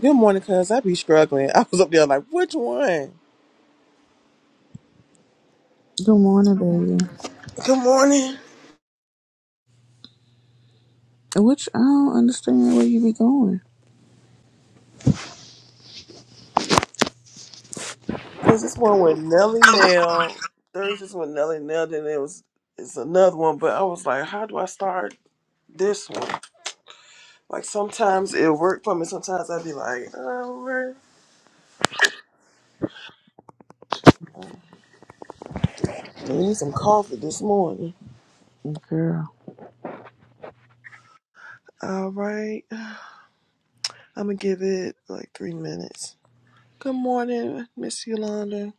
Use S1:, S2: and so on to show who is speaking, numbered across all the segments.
S1: Good morning, cuz. I be struggling. I was up there like, which one?
S2: Good morning, baby.
S1: Good morning.
S2: Which I don't understand where you be going,
S1: Cause this one with Nelly Nail. There's this one with Nelly Nail, then it was it's another one, but I was like, how do I start this one? Like sometimes it worked for me, sometimes I'd be like, alright. I need some coffee this morning.
S2: girl.
S1: Alright. I'm gonna give it like three minutes. Good morning, Miss Yolanda.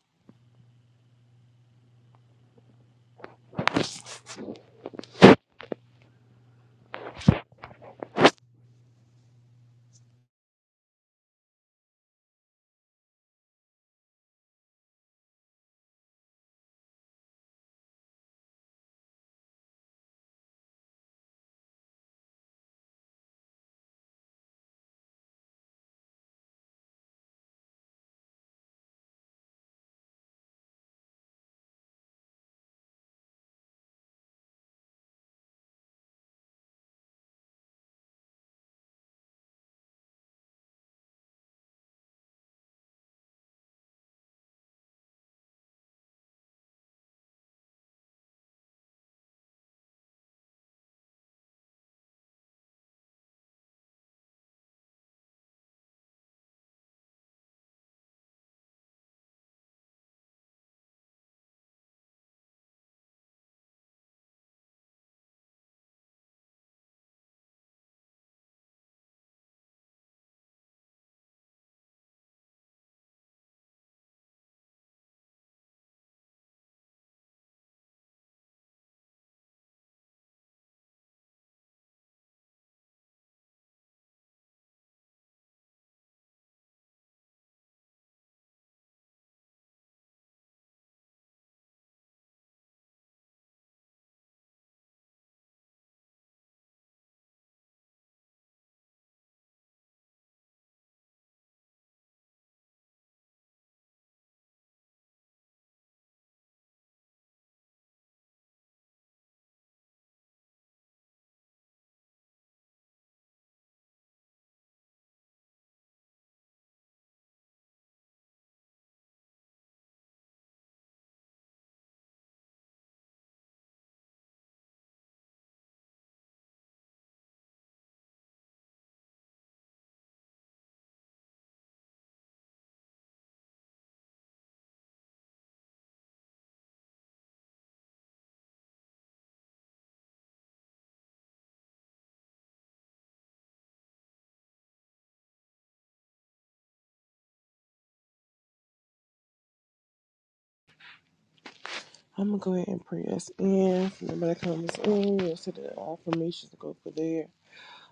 S1: I'm gonna go ahead and pray us in. If nobody comes in, we'll set the affirmations to go for there.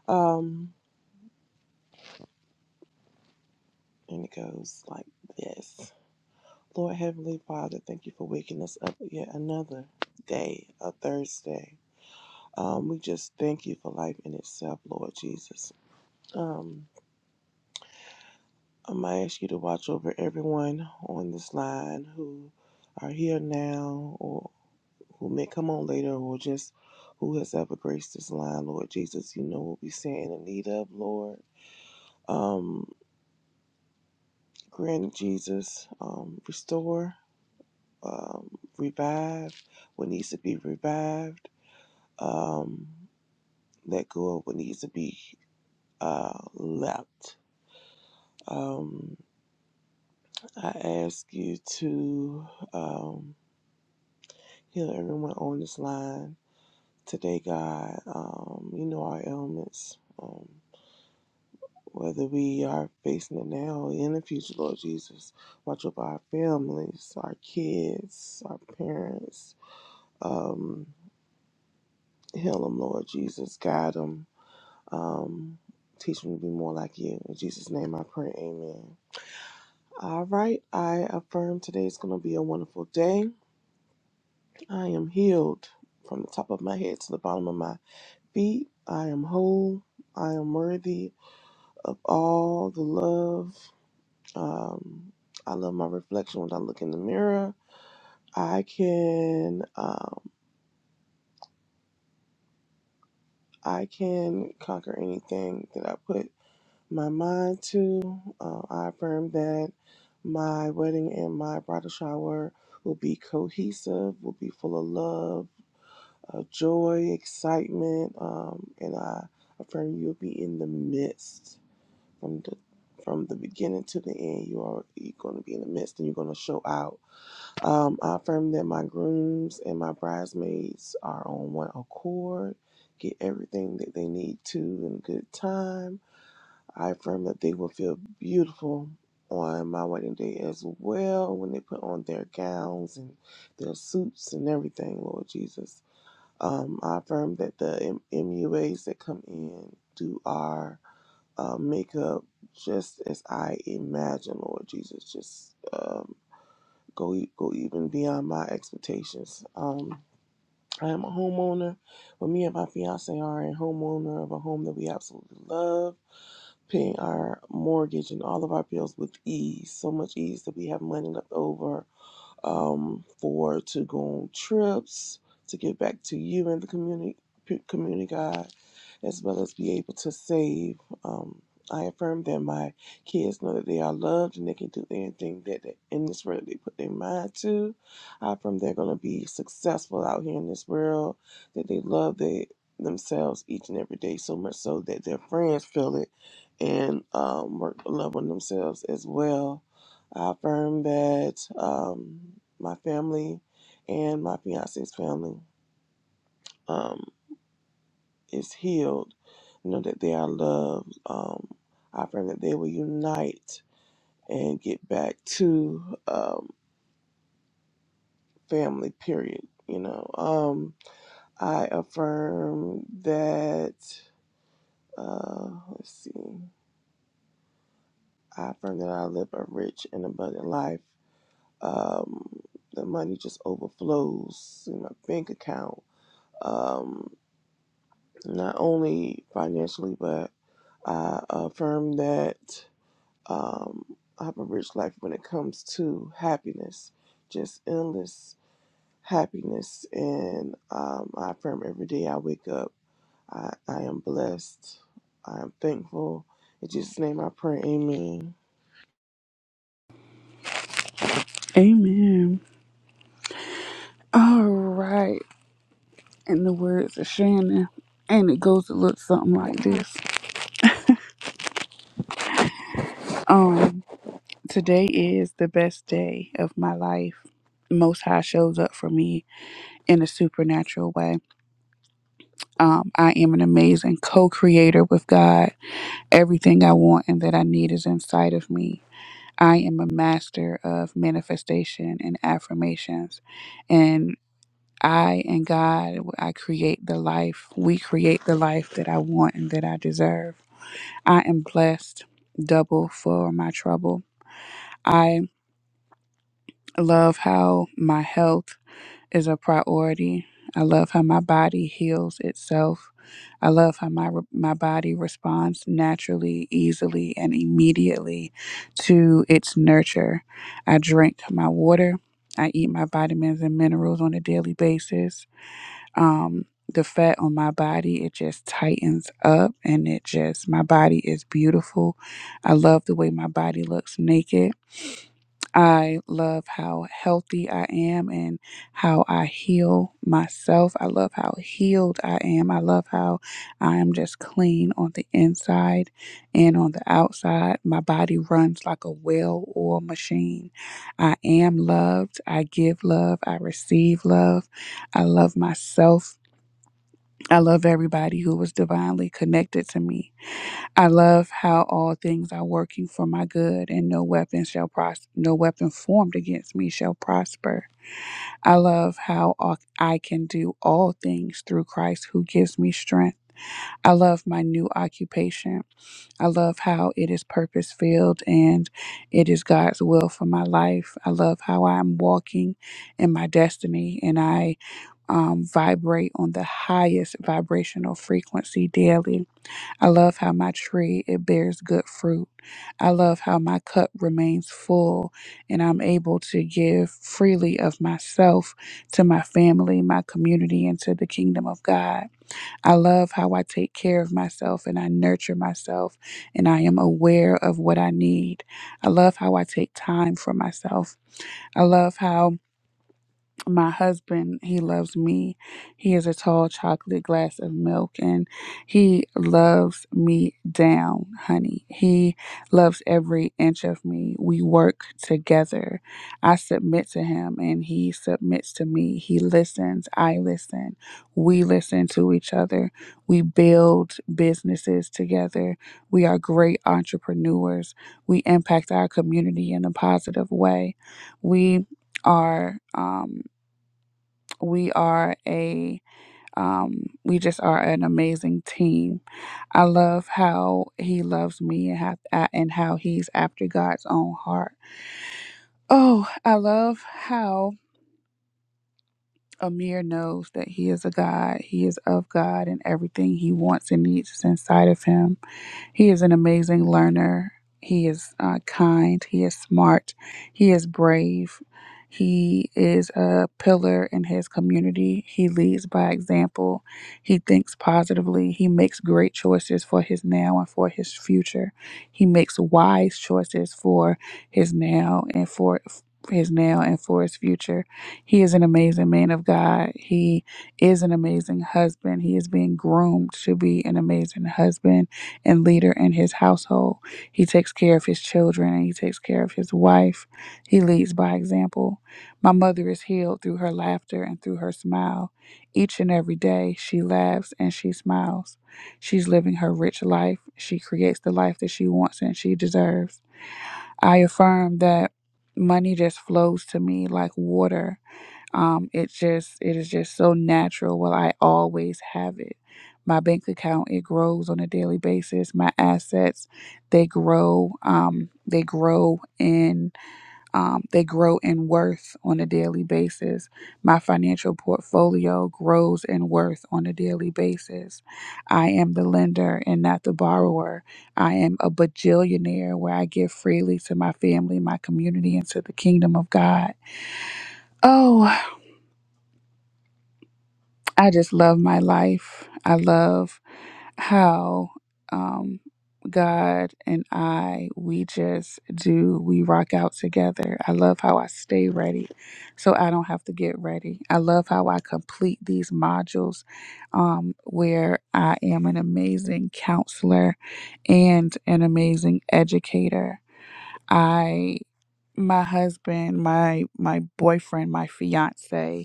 S1: Um And it goes like this Lord Heavenly Father, thank you for waking us up yet another day, a Thursday. Um, we just thank you for life in itself, Lord Jesus. Um, i might ask you to watch over everyone on this line who are here now or who may come on later or just who has ever graced this line, Lord Jesus. You know what we stand in need of, Lord. Um, grant Jesus, um, restore um, revive what needs to be revived, um, let go of what needs to be uh, left. Um, I ask you to um, heal everyone on this line today, God. Um, you know our ailments. Um, whether we are facing it now or in the future, Lord Jesus, watch over our families, our kids, our parents. Um, heal them, Lord Jesus. Guide them Um, teach me to be more like you. In Jesus' name I pray, amen. All right, I affirm today is going to be a wonderful day. I am healed from the top of my head to the bottom of my feet. I am whole. I am worthy of all the love. Um, I love my reflection when I look in the mirror. I can um, I can conquer anything that I put my mind too. Uh, I affirm that my wedding and my bridal shower will be cohesive, will be full of love, uh, joy, excitement, um, and I affirm you'll be in the midst from the from the beginning to the end. You are you're going to be in the midst, and you're going to show out. Um, I affirm that my grooms and my bridesmaids are on one accord, get everything that they need to in good time I affirm that they will feel beautiful on my wedding day as well when they put on their gowns and their suits and everything, Lord Jesus. Um, I affirm that the M- MUAs that come in do our uh, makeup just as I imagine, Lord Jesus. Just um, go e- go even beyond my expectations. Um, I am a homeowner, but me and my fiance are a homeowner of a home that we absolutely love paying our mortgage and all of our bills with ease, so much ease that we have money left over um, for to go on trips, to give back to you and the community, community God, as well as be able to save. Um, I affirm that my kids know that they are loved and they can do anything that they, in this world they put their mind to. I affirm they're going to be successful out here in this world, that they love they, themselves each and every day so much so that their friends feel it and um, work love on themselves as well I affirm that um, my family and my fiance's family um, is healed. You know that they are loved. Um, I affirm that they will unite and get back to um, family. Period. You know. Um, I affirm that. Uh, let's see. I affirm that I live a rich and abundant life. Um, the money just overflows in my bank account Um, not only financially, but I uh, affirm that um, I have a rich life when it comes to happiness, just endless happiness. And um, I affirm every day I wake up, I, I am blessed, I am thankful. In Jesus' name I pray, amen.
S2: Amen. All right. In the words of Shannon, and it goes to look something like
S1: Wow.
S2: this. Um, today is the best day of my life. Most High shows up for me in a supernatural way. Um, I am an amazing co-creator with God. Everything I want and that I need is inside of me. I am a master of manifestation and affirmations. and I and God, I create the life, we create the life that I want and that I deserve. I am blessed double for my trouble. I love how my health is a priority. I love how my body heals itself. I love how my my body responds naturally, easily, and immediately to its nurture. I drink my water. I eat my vitamins and minerals on a daily basis. um the fat on my body it just tightens up and it just my body is beautiful i love the way my body looks naked i love how healthy i am and how i heal myself i love how healed i am i love how i am just clean on the inside and on the outside my body runs like a well oiled machine i am loved i give love i receive love I love myself. I love everybody who was divinely connected to me. I love how all things are working for my good and no weapon shall pros- no weapon formed against me shall prosper. I love how all- I can do all things through Christ who gives me strength. I love my new occupation. I love how it is purpose filled and it is God's will for my life. I love how I'm walking in my destiny and I um, vibrate on the highest vibrational frequency daily. I love how my tree it bears good fruit. I love how my cup remains full and I'm able to give freely of myself to my family, my community, and to the kingdom of God. I love how I take care of myself and I nurture myself and I am aware of what I need. I love how I take time for myself. I love how my husband, he loves me. He is a tall chocolate glass of milk and he loves me down, honey. He loves every inch of me. We work together. I submit to him and he submits to me. He listens. I listen. We listen to each other. We build businesses together. We are great entrepreneurs. We impact our community in a positive way. We are. Um, we are a um, we just are an amazing team. I love how he loves me and how and how he's after God's own heart. Oh, I love how Amir knows that he is a God. He is of God, and everything he wants and needs is inside of him He is an amazing learner. He is uh, kind. He is smart. He is brave. He is a pillar in his community. He leads by example. He thinks positively. He makes great choices for his now and for his future. He makes wise choices for his now and for his now and for his future. He is an amazing man of God. He is an amazing husband. He is being groomed to be an amazing husband and leader in his household. He takes care of his children and he takes care of his wife. He leads by example. My mother is healed through her laughter and through her smile. Each and every day, she laughs and she smiles. She's living her rich life. She creates the life that she wants and she deserves. I affirm that money just flows to me like water. Um, it's just it is just so natural. Well, I always have it. My bank account it grows on a daily basis. My assets they grow. Um, they grow in um, they grow in worth on a daily basis. My financial portfolio grows in worth on a daily basis. I am the lender and not the borrower. I am a bajillionaire where I give freely to my family, my community, and to the kingdom of God. Oh, I just love my life. I love how um, God and I, we just do, we rock out together. I love how I stay ready so I don't have to get ready. I love how I complete these modules um, where I am an amazing counselor and an amazing educator. I my husband, my my boyfriend, my fiance,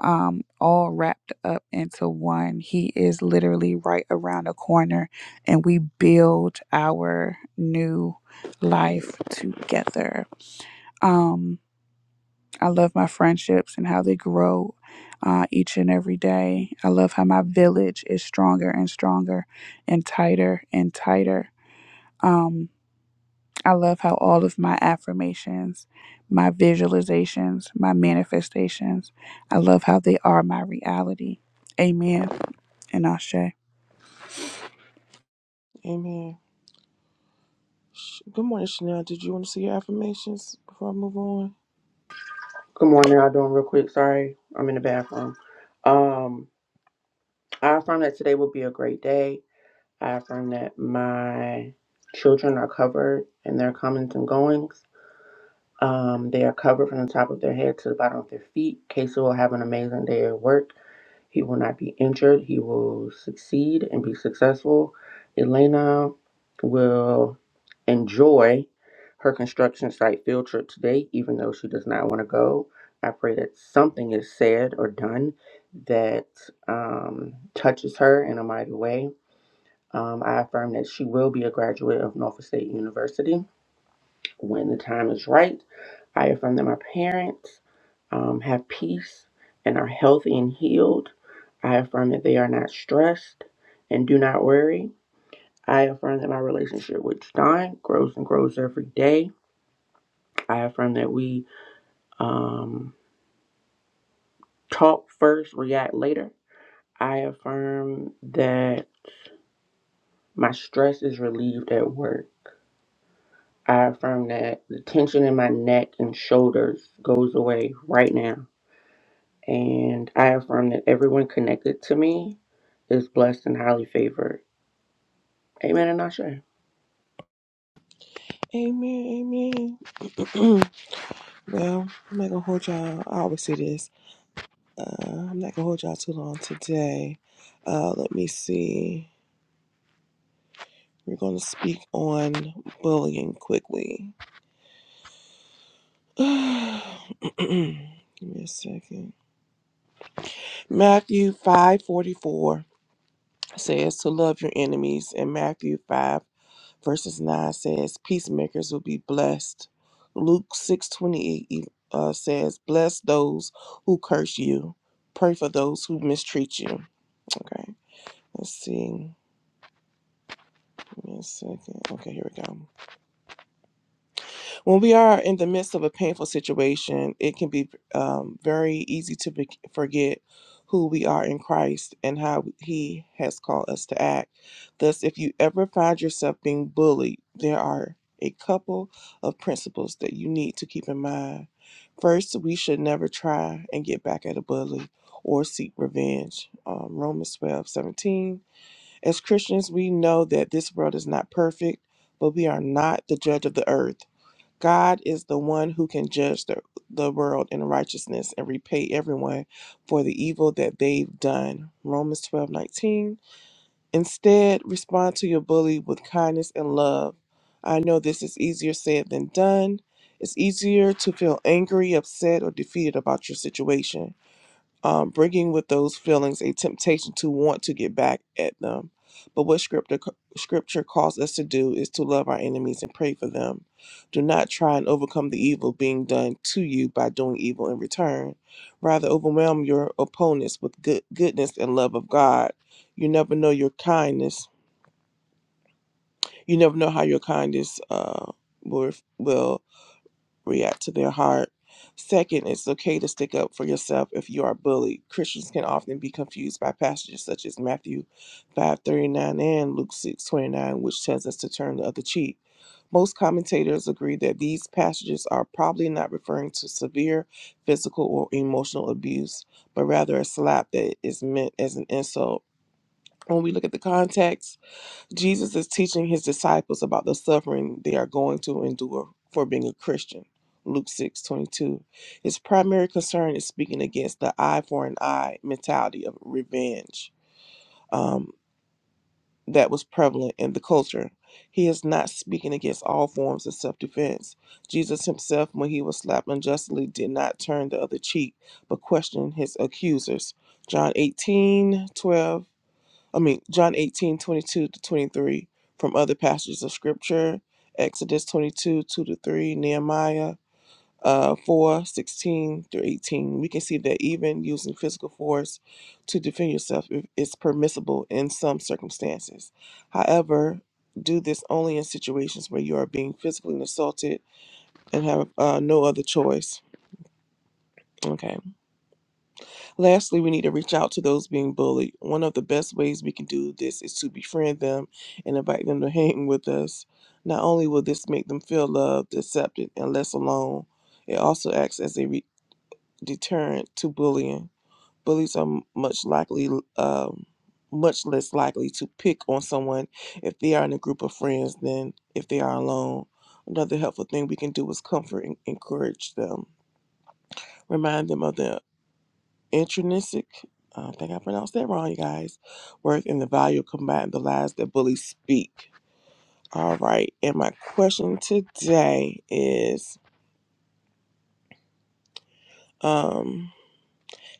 S2: um, all wrapped up into one. He is literally right around the corner, and we build our new life together. Um, I love my friendships and how they grow uh, each and every day. I love how my village is stronger and stronger and tighter and tighter. Um, I love how all of my affirmations, my visualizations, my manifestations, I love how they are my reality. Amen. And Ashe. And
S1: Amen. Sh- Good morning, Chanel. Did you want to see your affirmations before I move on?
S3: Good morning. I'll do them real quick. Sorry, I'm in the bathroom. Um, I affirm that today will be a great day. I affirm that my children are covered in their comings and goings. Um, they are covered from the top of their head to the bottom of their feet. Casey will have an amazing day at work. He will not be injured. He will succeed and be successful. Elena will enjoy her construction site field trip today, even though she does not want to go. I pray that something is said or done that um, touches her in a mighty way. Um, I affirm that she will be a graduate of Norfolk State University. When the time is right, I affirm that my parents um, have peace and are healthy and healed. I affirm that they are not stressed and do not worry. I affirm that my relationship with John grows and grows every day. I affirm that we um, talk first, react later. I affirm that my stress is relieved at work. I affirm that the tension in my neck and shoulders goes away right now. And I affirm that everyone connected to me is blessed and highly favored. Amen and Ashe.
S1: Amen, amen. well, I'm not gonna hold y'all. I always say this. Uh, I'm not gonna hold y'all too long today. Uh, let me see. We're gonna speak on bullying quickly. Give me a second. Matthew 5:44 says to love your enemies, and Matthew 5 verses 9 says peacemakers will be blessed. Luke 6:28 e- uh, says bless those who curse you, pray for those who mistreat you. Okay, let's see. One second. Okay, here we go. When we are in the midst of a painful situation, it can be um, very easy to be- forget who we are in Christ and how He has called us to act. Thus, if you ever find yourself being bullied, there are a couple of principles that you need to keep in mind. First, we should never try and get back at a bully or seek revenge. Um, Romans twelve seventeen. As Christians, we know that this world is not perfect, but we are not the judge of the earth. God is the one who can judge the, the world in righteousness and repay everyone for the evil that they've done. Romans twelve nineteen. Instead, respond to your bully with kindness and love. I know this is easier said than done. It's easier to feel angry, upset, or defeated about your situation um, bringing with those feelings a temptation to want to get back at them. But what scripture, scripture calls us to do is to love our enemies and pray for them. Do not try and overcome the evil being done to you by doing evil in return. Rather, overwhelm your opponents with good, goodness and love of God. You never know your kindness. You never know how your kindness uh, will, will react to their heart. Second, it's okay to stick up for yourself if you are bullied. Christians can often be confused by passages such as Matthew 5:39 and Luke 6:29, which tells us to turn the other cheek. Most commentators agree that these passages are probably not referring to severe physical or emotional abuse, but rather a slap that is meant as an insult. When we look at the context, Jesus is teaching his disciples about the suffering they are going to endure for being a Christian. Luke 6 22. His primary concern is speaking against the eye for an eye mentality of revenge um, that was prevalent in the culture. He is not speaking against all forms of self defense. Jesus himself, when he was slapped unjustly, did not turn the other cheek but questioned his accusers. John 18 12. I mean, John 18 22 to 23 from other passages of scripture, Exodus 22, 2 to 3, Nehemiah uh, 4, sixteen through 18. We can see that even using physical force to defend yourself is permissible in some circumstances. However, do this only in situations where you are being physically assaulted and have uh, no other choice. Okay. Lastly, we need to reach out to those being bullied. One of the best ways we can do this is to befriend them and invite them to hang with us. Not only will this make them feel loved, accepted, and less alone, it also acts as a re- deterrent to bullying. Bullies are much likely, um, much less likely to pick on someone if they are in a group of friends than if they are alone. Another helpful thing we can do is comfort and encourage them. Remind them of the intrinsic, uh, I think I pronounced that wrong, you guys, Worth and the value of combating the lies that bullies speak. All right. And my question today is um,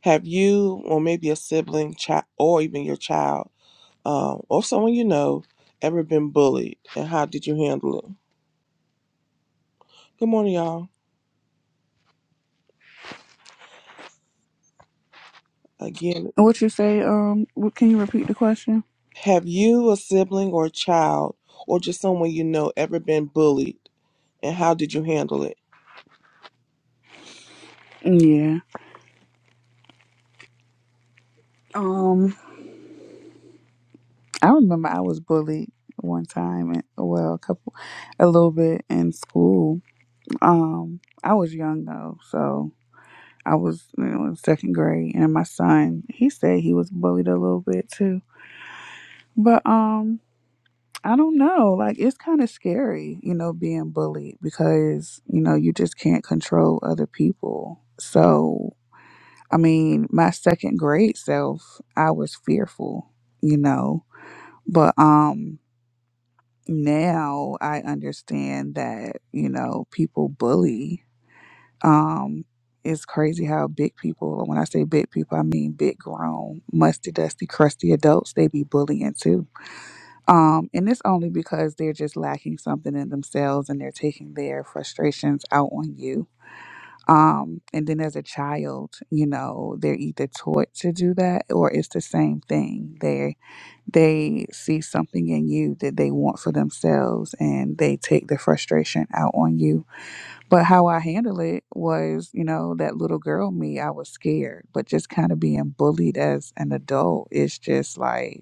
S1: Have you, or maybe a sibling, child, or even your child, um, or someone you know, ever been bullied? And how did you handle it? Good morning, y'all. Again,
S2: what you say, um, what, can you repeat the question?
S1: have you, a sibling, or a child, or just someone you know, ever been bullied? And how did you handle it?
S2: Yeah. Um, I remember I was bullied one time, and well, a couple, a little bit in school. Um, I was young though, so I was you know, in second grade, and my son, he said he was bullied a little bit too. But um, I don't know. Like it's kind of scary, you know, being bullied because, you know, you just can't control other people. So, I mean, my second grade self, I was fearful, you know, but um now I understand that, you know, people bully. Um it's crazy how big people, when I say big people, I mean big grown, musty, dusty, crusty adults, they be bullying too um, and it's only because they're just lacking something in themselves and they're taking their frustrations out on you. Um, and then as a child, you know, they're either taught to do that or it's the same thing. They they see something in you that they want for themselves and they take the frustration out on you. But how I handle it was, you know, that little girl me, I was scared, but just kind of being bullied as an adult is just like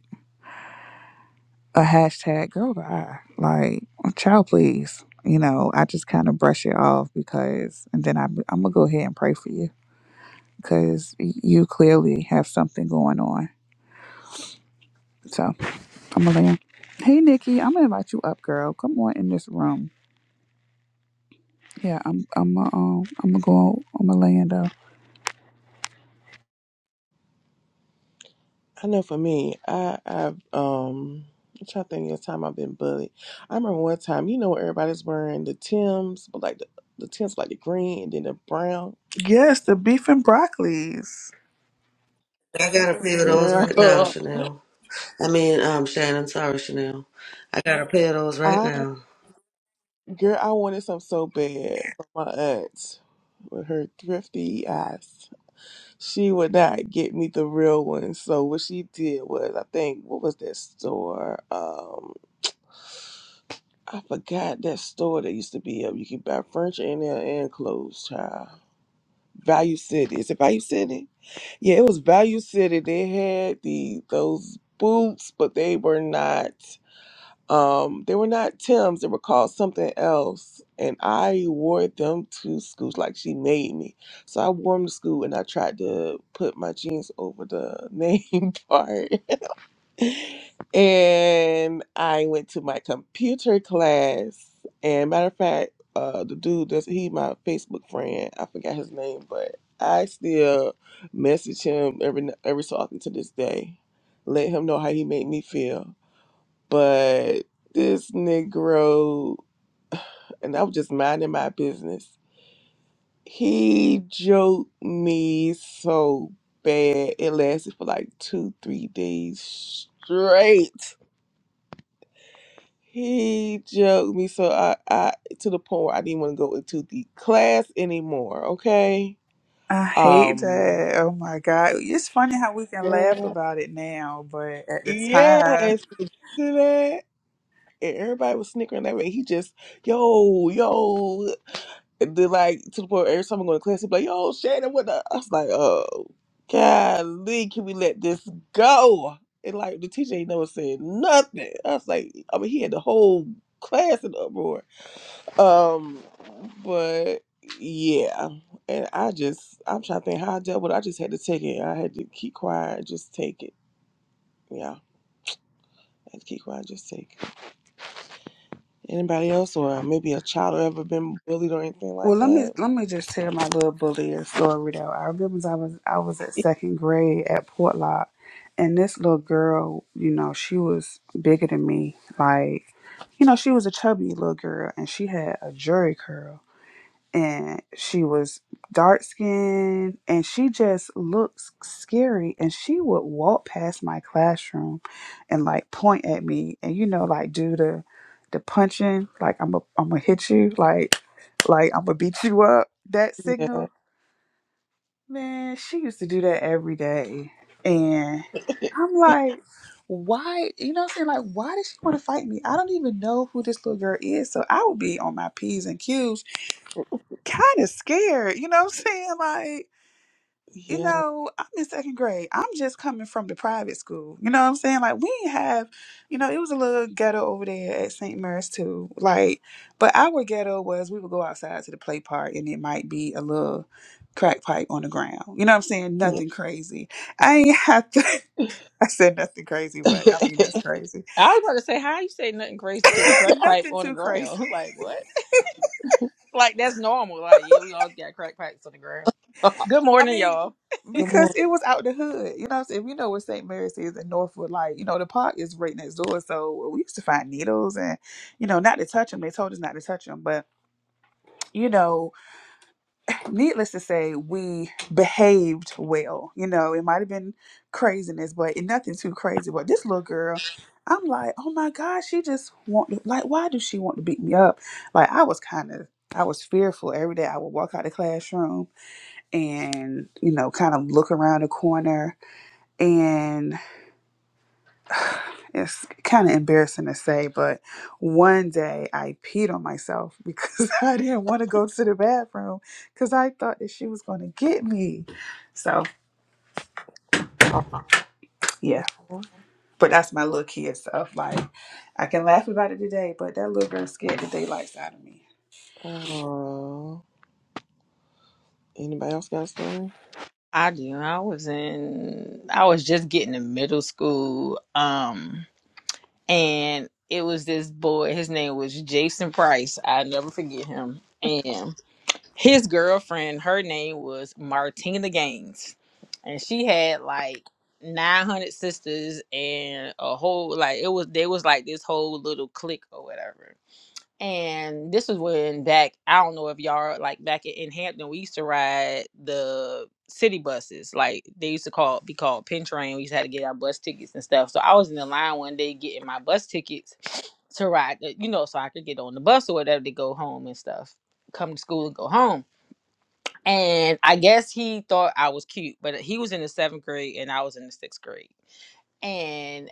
S2: a hashtag girl to Like, child, please. You know, I just kind of brush it off because, and then I, am I'm gonna go ahead and pray for you because you clearly have something going on. So I'm gonna. Land. Hey Nikki, I'm gonna invite you up, girl. Come on in this room. Yeah, I'm I'm uh, um I'm gonna go I'm gonna land up.
S1: I know for me, I I've um I'm trying to think of the time I've been bullied. I remember one time, you know, where everybody's wearing the Tims, but like the the Tims like the green and then the brown.
S2: Yes, the beef and broccolis.
S4: I got a pair of those
S1: Girl,
S4: right now,
S1: Uh,
S4: Chanel. I mean, um, Shannon, sorry, Chanel. I got a pair of those right
S1: I
S4: now.
S1: girl, I wanted some so bad, but my aunt with her thrifty eyes, she would not get me the real one. So what she did was, I think, what was that store? Um, I forgot that store that used to be up. You could buy furniture in there and clothes, child. Value City. Is it Value City? Yeah, it was Value City. They had the those boots, but they were not um they were not Tim's. They were called something else. And I wore them to school. Like she made me. So I wore them to school and I tried to put my jeans over the name part and I went to my computer class. And matter of fact, uh, the dude that's he my Facebook friend. I forgot his name, but I still message him every every so often to this day. Let him know how he made me feel. But this Negro, and I was just minding my business. He joked me so bad. It lasted for like two, three days straight He joked me so I, I to the point where I didn't want to go into the class anymore. Okay.
S2: I hate
S1: Um.
S2: that. Oh my God. It's funny how we can laugh
S1: Girl.
S2: about it now, but at the time.
S1: Yes. to that. And everybody was snickering that way. He just yo yo. And then like to the point where every time I go to class, he'd be like, "Yo, Shannon, what the?" I was like, "Oh, golly, can we let this go?" And like the teacher ain't never said nothing. I was like, I mean, he had the whole class in uproar. Um, but yeah, and I just I'm trying to think how I dealt with. It. I just had to take it. I had to keep quiet, just take it. Yeah, I had to keep quiet, just take it. Anybody else, or maybe a child, or ever been bullied or anything like
S2: Well, let me
S1: that?
S2: let me just tell my little bully a story though. I remember I was I was at second grade at Portlock, and this little girl, you know, she was bigger than me. Like, you know, she was a chubby little girl, and she had a jury curl. and she was dark skinned and she just looks scary and she would walk past my classroom and like point at me and you know like do the the punching like I'm a I'm gonna hit you like like I'm gonna beat you up that
S1: Yeah,
S2: signal man she used to do that every day and I'm like why you know what I'm saying like why did she want to fight me I don't even know who this little girl is so I would be on my p's and q's kind of scared. You know what I'm saying? Like, you
S1: yeah.
S2: know, I'm in second grade. I'm just coming from the private school. You know what I'm saying? Like, we didn't have, you know, it was a little ghetto over there at St. Mary's too. Like, but our ghetto was we would go outside to the play park and it might be a little crack pipe on the ground. You know what I'm saying?
S1: yeah.
S2: Nothing crazy. I ain't have to. I said nothing crazy, but I mean, that's crazy.
S5: I was about to say, how you say nothing crazy to a crack pipe
S2: nothing
S5: on the
S2: too crazy
S5: ground? Like what? Like that's normal. Like yeah, we all got crack pipes on the ground. Good
S2: I
S5: morning,
S2: mean,
S5: y'all.
S1: Good
S2: because
S1: morning.
S2: it was out the hood. You know what I'm saying? We know what St. Mary's is in Northwood. Like, you know, the park is right next door. So we used to find needles and, you know, not to touch them. They told us not to touch them. But, you know, needless to say, we behaved well. You know, it might have been craziness, but nothing too crazy. But this little girl, I'm like, oh my God, she just want to, like, why does she want to beat me up? Like, I was kind of, I was fearful every day. I would walk out the classroom and you know kind of look around the corner and it's kind of embarrassing to say but one day i peed on myself because i didn't want to go to the bathroom because i thought that she was going to get me so yeah but that's my little kid stuff like i can laugh about it today but that little girl scared the daylights out of me
S1: Paul. Uh, anybody else got a story?
S5: I do. I was in. I was just getting to middle school. Um, and it was this boy. His name was Jason Price. I will never forget him. And. his girlfriend, her name was Martina Gaines, and she had like 900 sisters and a whole like it was they was like this whole little clique or whatever. And this was when back I don't know if y'all like back in in Hampton we used to ride the city buses like they used to call be called pin train. We used to have to get our bus tickets and stuff. So I was in the line one day getting my bus tickets to ride, the- you know, so I could get on the bus or whatever to go home and stuff, come to school and go home and I guess he thought I was cute, but he was in the seventh grade and I was in the sixth grade. and.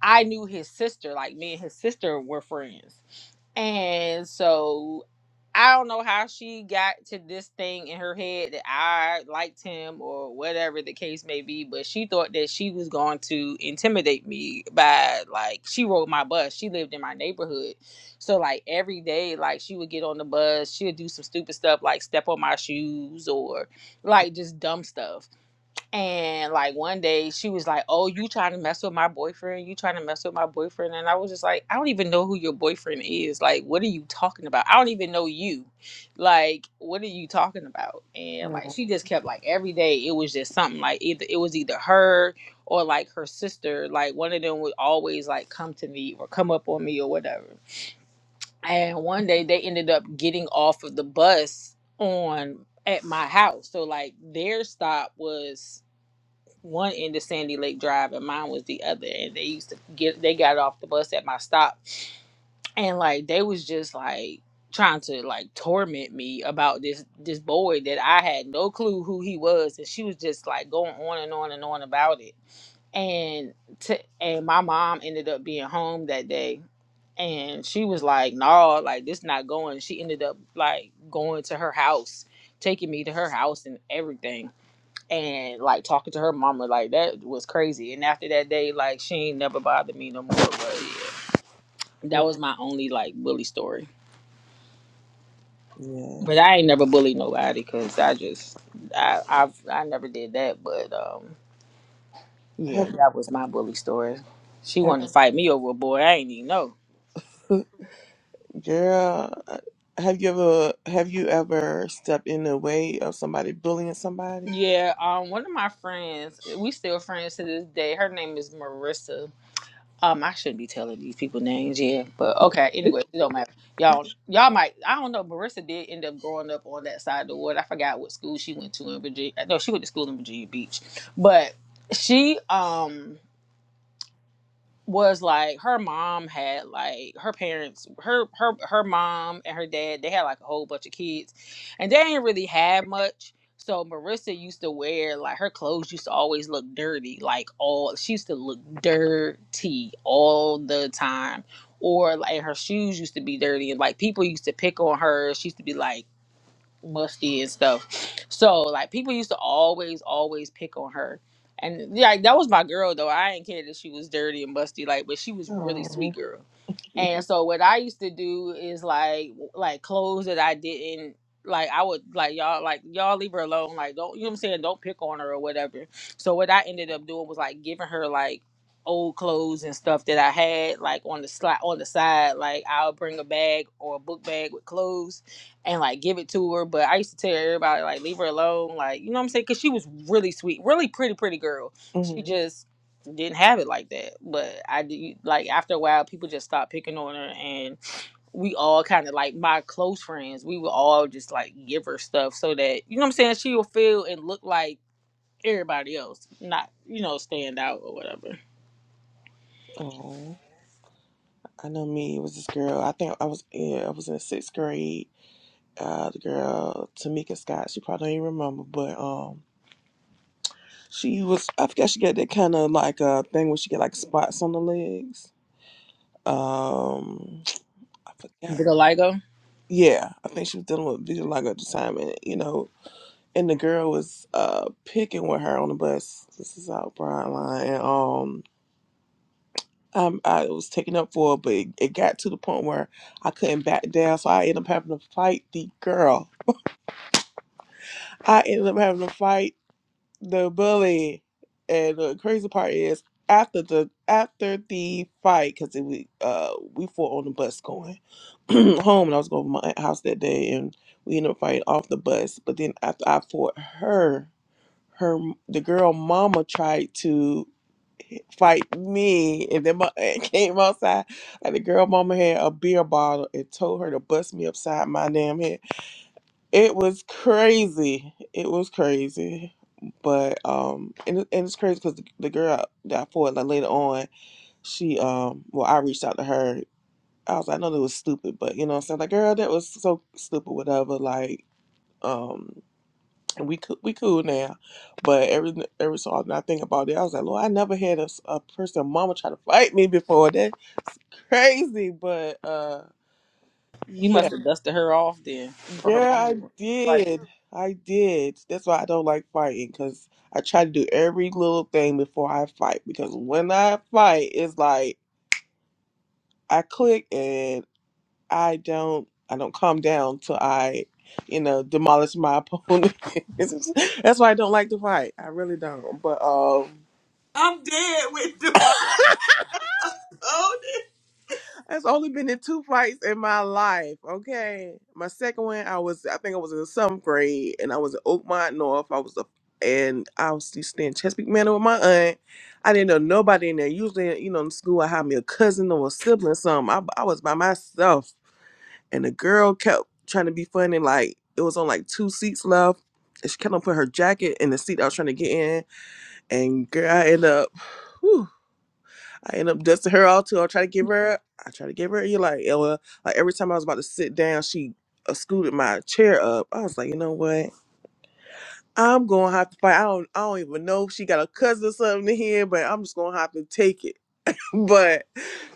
S5: I knew his sister, like me and his sister were friends. And so I don't know how she got to this thing in her head that I liked him or whatever the case may be, but she thought that she was going to intimidate me by like she rode my bus. She lived in my neighborhood. So like every day like she would get on the bus, she would do some stupid stuff like step on my shoes or like just dumb stuff and like one day she was like, Oh, you trying to mess with my boyfriend? You trying to mess with my boyfriend? And I was just like, I don't even know who your boyfriend is. Like, what are you talking about? I don't even know you. Like, what are you talking about? And like
S1: Uh,
S5: she just kept like every day it was just something like either it was either her or like her sister. Like one of them would always like come to me or come up on me or whatever. And one day they ended up getting off of the bus on at my house. So like their stop was one end of Sandy Lake Drive and mine was the other. And they used to get they got off the bus at my stop and like they was just like trying to like torment me about this this boy that I had no clue who he was and she was just like going on and on and on about it. And to and my mom ended up being home that day and she was like, "No, like this not going." She ended up like going to her house, taking me to her house and everything and like talking to her mama like that was crazy and after that day like she ain't never bothered me no more but yeah, that was my only like bully story but
S1: Yes.
S5: i ain't never bullied nobody because i just i i've i never did that but um
S1: Have
S5: yeah
S1: Have
S5: that was my bully story she wanted to fight me over a boy i ain't even know
S1: Girl, have you ever have you ever stepped in the way of somebody bullying somebody?
S5: yeah um one of my friends we still friends to this day her name is marissa Um, I shouldn't be telling these people names, yeah. But okay, anyway, it don't matter. Y'all, y'all might. I don't know. Marissa did end up growing up on that side of the world. I forgot what school she went to in Virginia. No, she went to school in Virginia Beach, but she um was like her mom had like her parents her her her mom and her dad they had like a whole bunch of kids and they didn't really have much so marissa used to wear like her clothes used to always look dirty like all she used to look dirty all the time or like her shoes used to be dirty and like people used to pick on her she used to be like musty and stuff. So like people used to always, always pick on her. And yeah, that was my girl though. I didn't care that she was dirty and musty, like, but she was really
S1: Oh,
S5: sweet girl. And so what I used to do is like like clothes that I didn't like I would like y'all like y'all leave her alone. Like don't you know what I'm saying? Don't pick on her or whatever. So what I ended up doing was like giving her like old clothes and stuff that I had like on the slot on the side. Like I'll bring a bag or a book bag with clothes and like give it to her. But I used to tell everybody like leave her alone, like you know what I'm saying, because she was really sweet, really pretty, pretty girl. She
S1: mm,
S5: just didn't have it like that. But I do like after a while, people just stopped picking on her, and we all kind of like my close friends, we would all just like give her stuff so that you know what I'm saying, she will feel and look like everybody else, not you know stand out or whatever.
S1: oh. I know me. It was this girl. I think I was yeah. I was in sixth grade. uh, the girl Tamika Scott. She probably don't even remember, but um, she was. I forget she got that kind of like a uh thing where she get like spots on the legs. Um, I forgot.
S5: Vitiligo.
S1: Yeah, I think she was dealing with vitiligo at the time, and you know, and the girl was uh picking with her on the bus. This is out Broadline, and um. Um, I was taken up for it, but it, it got to the point where I couldn't back down, so I ended up having to fight the girl. I ended up having to fight the bully and the crazy part is after the after the fight because we uh we fought on the bus going home and i was going to my aunt's house that day and we ended up fighting off the bus but then after i fought her her the girl mama tried to fight me and then my aunt came outside and the girl mama had a beer bottle and told her to bust me upside my damn head it was crazy. It was crazy. But um and, it- and it's crazy because the, the girl that I fought like later on, she um well I reached out to her. I was like, I know that was stupid, but you know what I'm saying? Like, girl, that was so stupid, whatever, like um and we could we cool now. But every every so often I think about it, I was like, Lord, I never had a, s- a person mama try to fight me before. That crazy. But uh
S5: You
S1: yeah.
S5: must have dusted her off then for her
S1: Girl,
S5: mama.
S1: I
S5: to- Like
S1: did. I did. That's why I don't like fighting because I try to do every little thing before I fight. Because when I fight, it's like I click and I don't. I don't calm down till I, you know, demolish my opponent. That's why I don't like to fight. I really don't. But um. That's only been in two fights in my life. Okay, my second one, I was I think I was in the seventh grade, and I was in Oakmont North. I was a and I was used to stay in Chesapeake Manor with my aunt. I didn't know nobody in there. Usually, you know, in school, I had me a cousin or a sibling, or something. I, I was by myself, and the girl kept trying to be funny. Like it was on like two seats left, and she kept on putting her jacket in the seat I was trying to get in. And girl, I ended up. whew, I end up dusting her all too. I try to give her, I try to give her. You like, yeah, well, like every time I was about to sit down, she uh, scooted my chair up. I was like, you know what? I'm gonna have to fight. I don't, I don't even know if she got a cousin or something in here, but I'm just gonna have to take it. but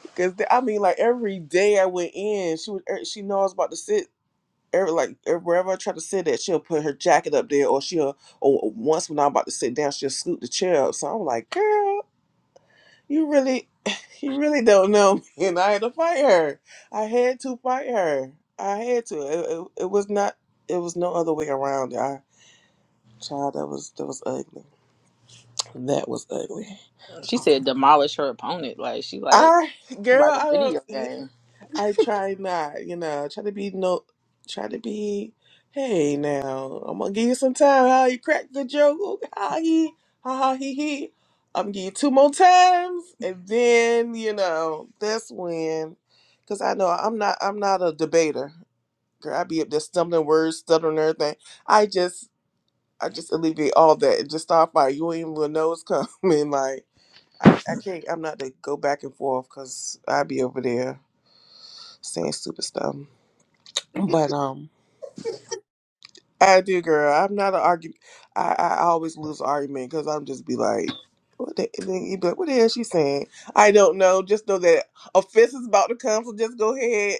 S1: because I mean, like every day I went in, she would, er, she know I was about to sit. Every, like er, wherever I try to sit at, she'll put her jacket up there, or she'll, or once when I'm about to sit down, she'll scoot the chair up. So I'm like, girl. You really, you really don't know me. And I had to fight her. I had to fight her. I had to. It, it, it was not. It was no other way around. it. I child, that was that was ugly. That was ugly.
S5: she said, demolish her opponent. Like she like.
S1: I
S5: like a
S1: girl,
S5: video game.
S1: I try not, you know, try to be no, try to be. Hey, now I'm gonna give you some time. How you crack the joke? Ooh, Ha he, ha ha he he. I'm gonna give you two more times, and then you know that's when, cause I know I'm not, I'm not a debater. Girl, I be up there stumbling words, stuttering everything. I just, I just alleviate all that and just start fire. You ain't even know it's coming. Like I, I can't, I'm not to go back and forth, cause I be over there saying stupid stuff. But um, I do, girl. I'm not an argument. I I always lose argument because I'm just be like, what the, and then you be like, what the hell she saying? I don't know. Just know that offense is about to come, so just go ahead,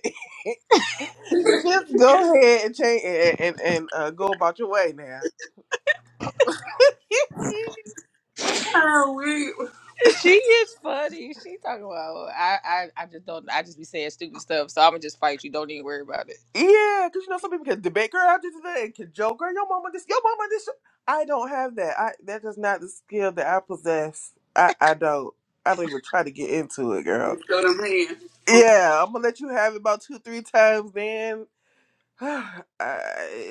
S1: just go ahead and change and and, and uh, go about your way now.
S2: Oh, we.
S5: She is funny. She talking about I, I I just don't I just be saying stupid stuff, so I'ma just fight you. Don't even worry about it.
S1: yeah, because you know some people can debate, girl. I just and can joke, girl. Your mama this, your mama this. I don't have that. I that is not the skill that I possess. I I don't. I don't even try to get into it, girl.
S2: It's so the man.
S1: Yeah, I'm gonna let you have it about two, three times. Then, I,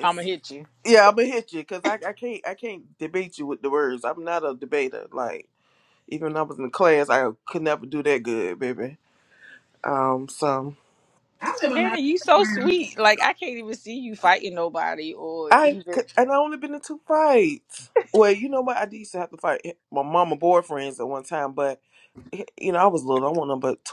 S5: I'ma hit you.
S1: yeah, I'm gonna hit you because I, I can't, I can't debate you with the words. I'm not a debater. Like even when I was in class, I could never do that good, baby. Um, so
S2: I live in my
S5: Shannon, you so
S2: friend.
S5: sweet. Like I can't even see you fighting nobody or
S1: I
S5: even
S1: could- and I only been in two fights. Well, you know what? I did used to have to fight eh, my mama boyfriends at one time, but you know, I was little. I wasn't no but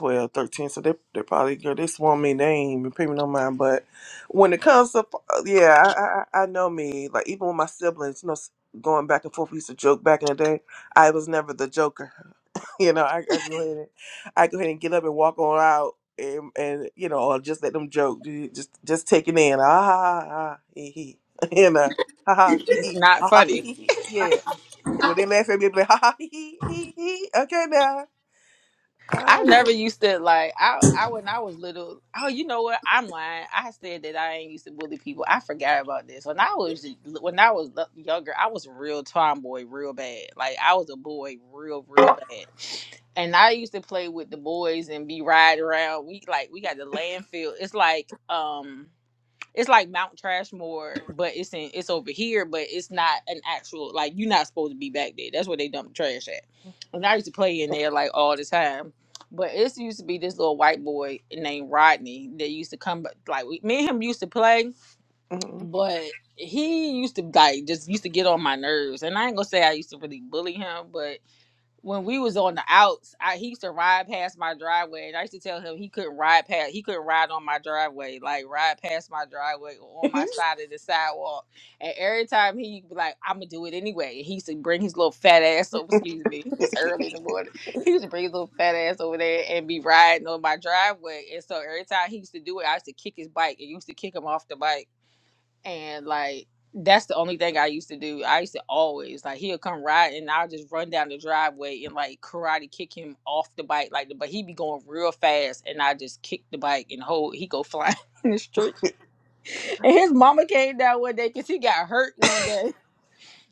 S1: so they they probably girl, they swore me name and pay me no mind. But when it comes to uh, yeah, I, I I know me. Like even with my siblings, you know, s- going back and forth, we used to joke back in the day. I was never the joker. You know, I, I go ahead and I go ahead and get up and walk on out. And, and you know, or just let them joke, ju- just just take it in, ah, ha, ha, ha, he, he, you know, ha, ha, he,
S5: it's
S1: he,
S5: not
S1: ha, ha, he,
S5: funny.
S1: he, yeah. When they laugh at me, I'll be like, ha, ha, he, he, he, he, okay
S5: I
S1: now,
S5: never used to like I I when I was little. Oh, you know what? I'm lying. I said that I ain't used to bully people. I forgot about this. When I was when I was younger, I was a real tomboy, real bad. Like I was a boy, real real bad. And I used to play with the boys and be riding around. We like we got the landfill. It's like um it's like Mount Trashmore, but it's in it's over here, but it's not an actual like you're not supposed to be back there. That's where they dump the trash at. And I used to play in there like all the time. But it used to be this little white boy named Rodney that used to come like we, me and him used to play,
S1: Mm.
S5: but he used to like just used to get on my nerves. And I ain't gonna say I used to really bully him, but when we was on the outs, I he used to ride past my driveway, and I used to tell him he couldn't ride past, he couldn't ride on my driveway, like ride past my driveway or on my side of the sidewalk. And every time he be like, "I'm gonna do it anyway," And he used to bring his little fat ass over. Excuse me, it's early in the morning. He used to bring his little fat ass over there and be riding on my driveway. And so every time he used to do it, I used to kick his bike and used to kick him off the bike and like that's the only thing I used to do. I used to always like he'll come ride and I'll just run down the driveway and like karate kick him off the bike like but he be going real fast and I just kick the bike and hold he go flying in the street. And his mama came down one day because he got hurt one day.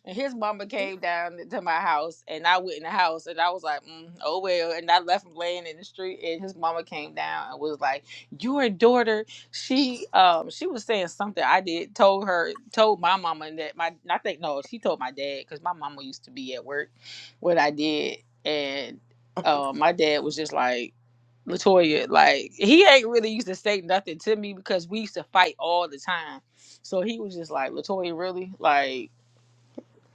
S5: And his mama came down to my house, and I went in the house, and I was like, mm, "Oh well." And I left him laying in the street, and his mama came down and was like, "Your daughter, she um she was saying something I did told her told my mama that my I think no she told my dad because my mama used to be at work when I did, and um my dad was just like. Latoya, like he ain't really used to say nothing to me because we used to fight all the time. So he was just like, Latoya, really? Like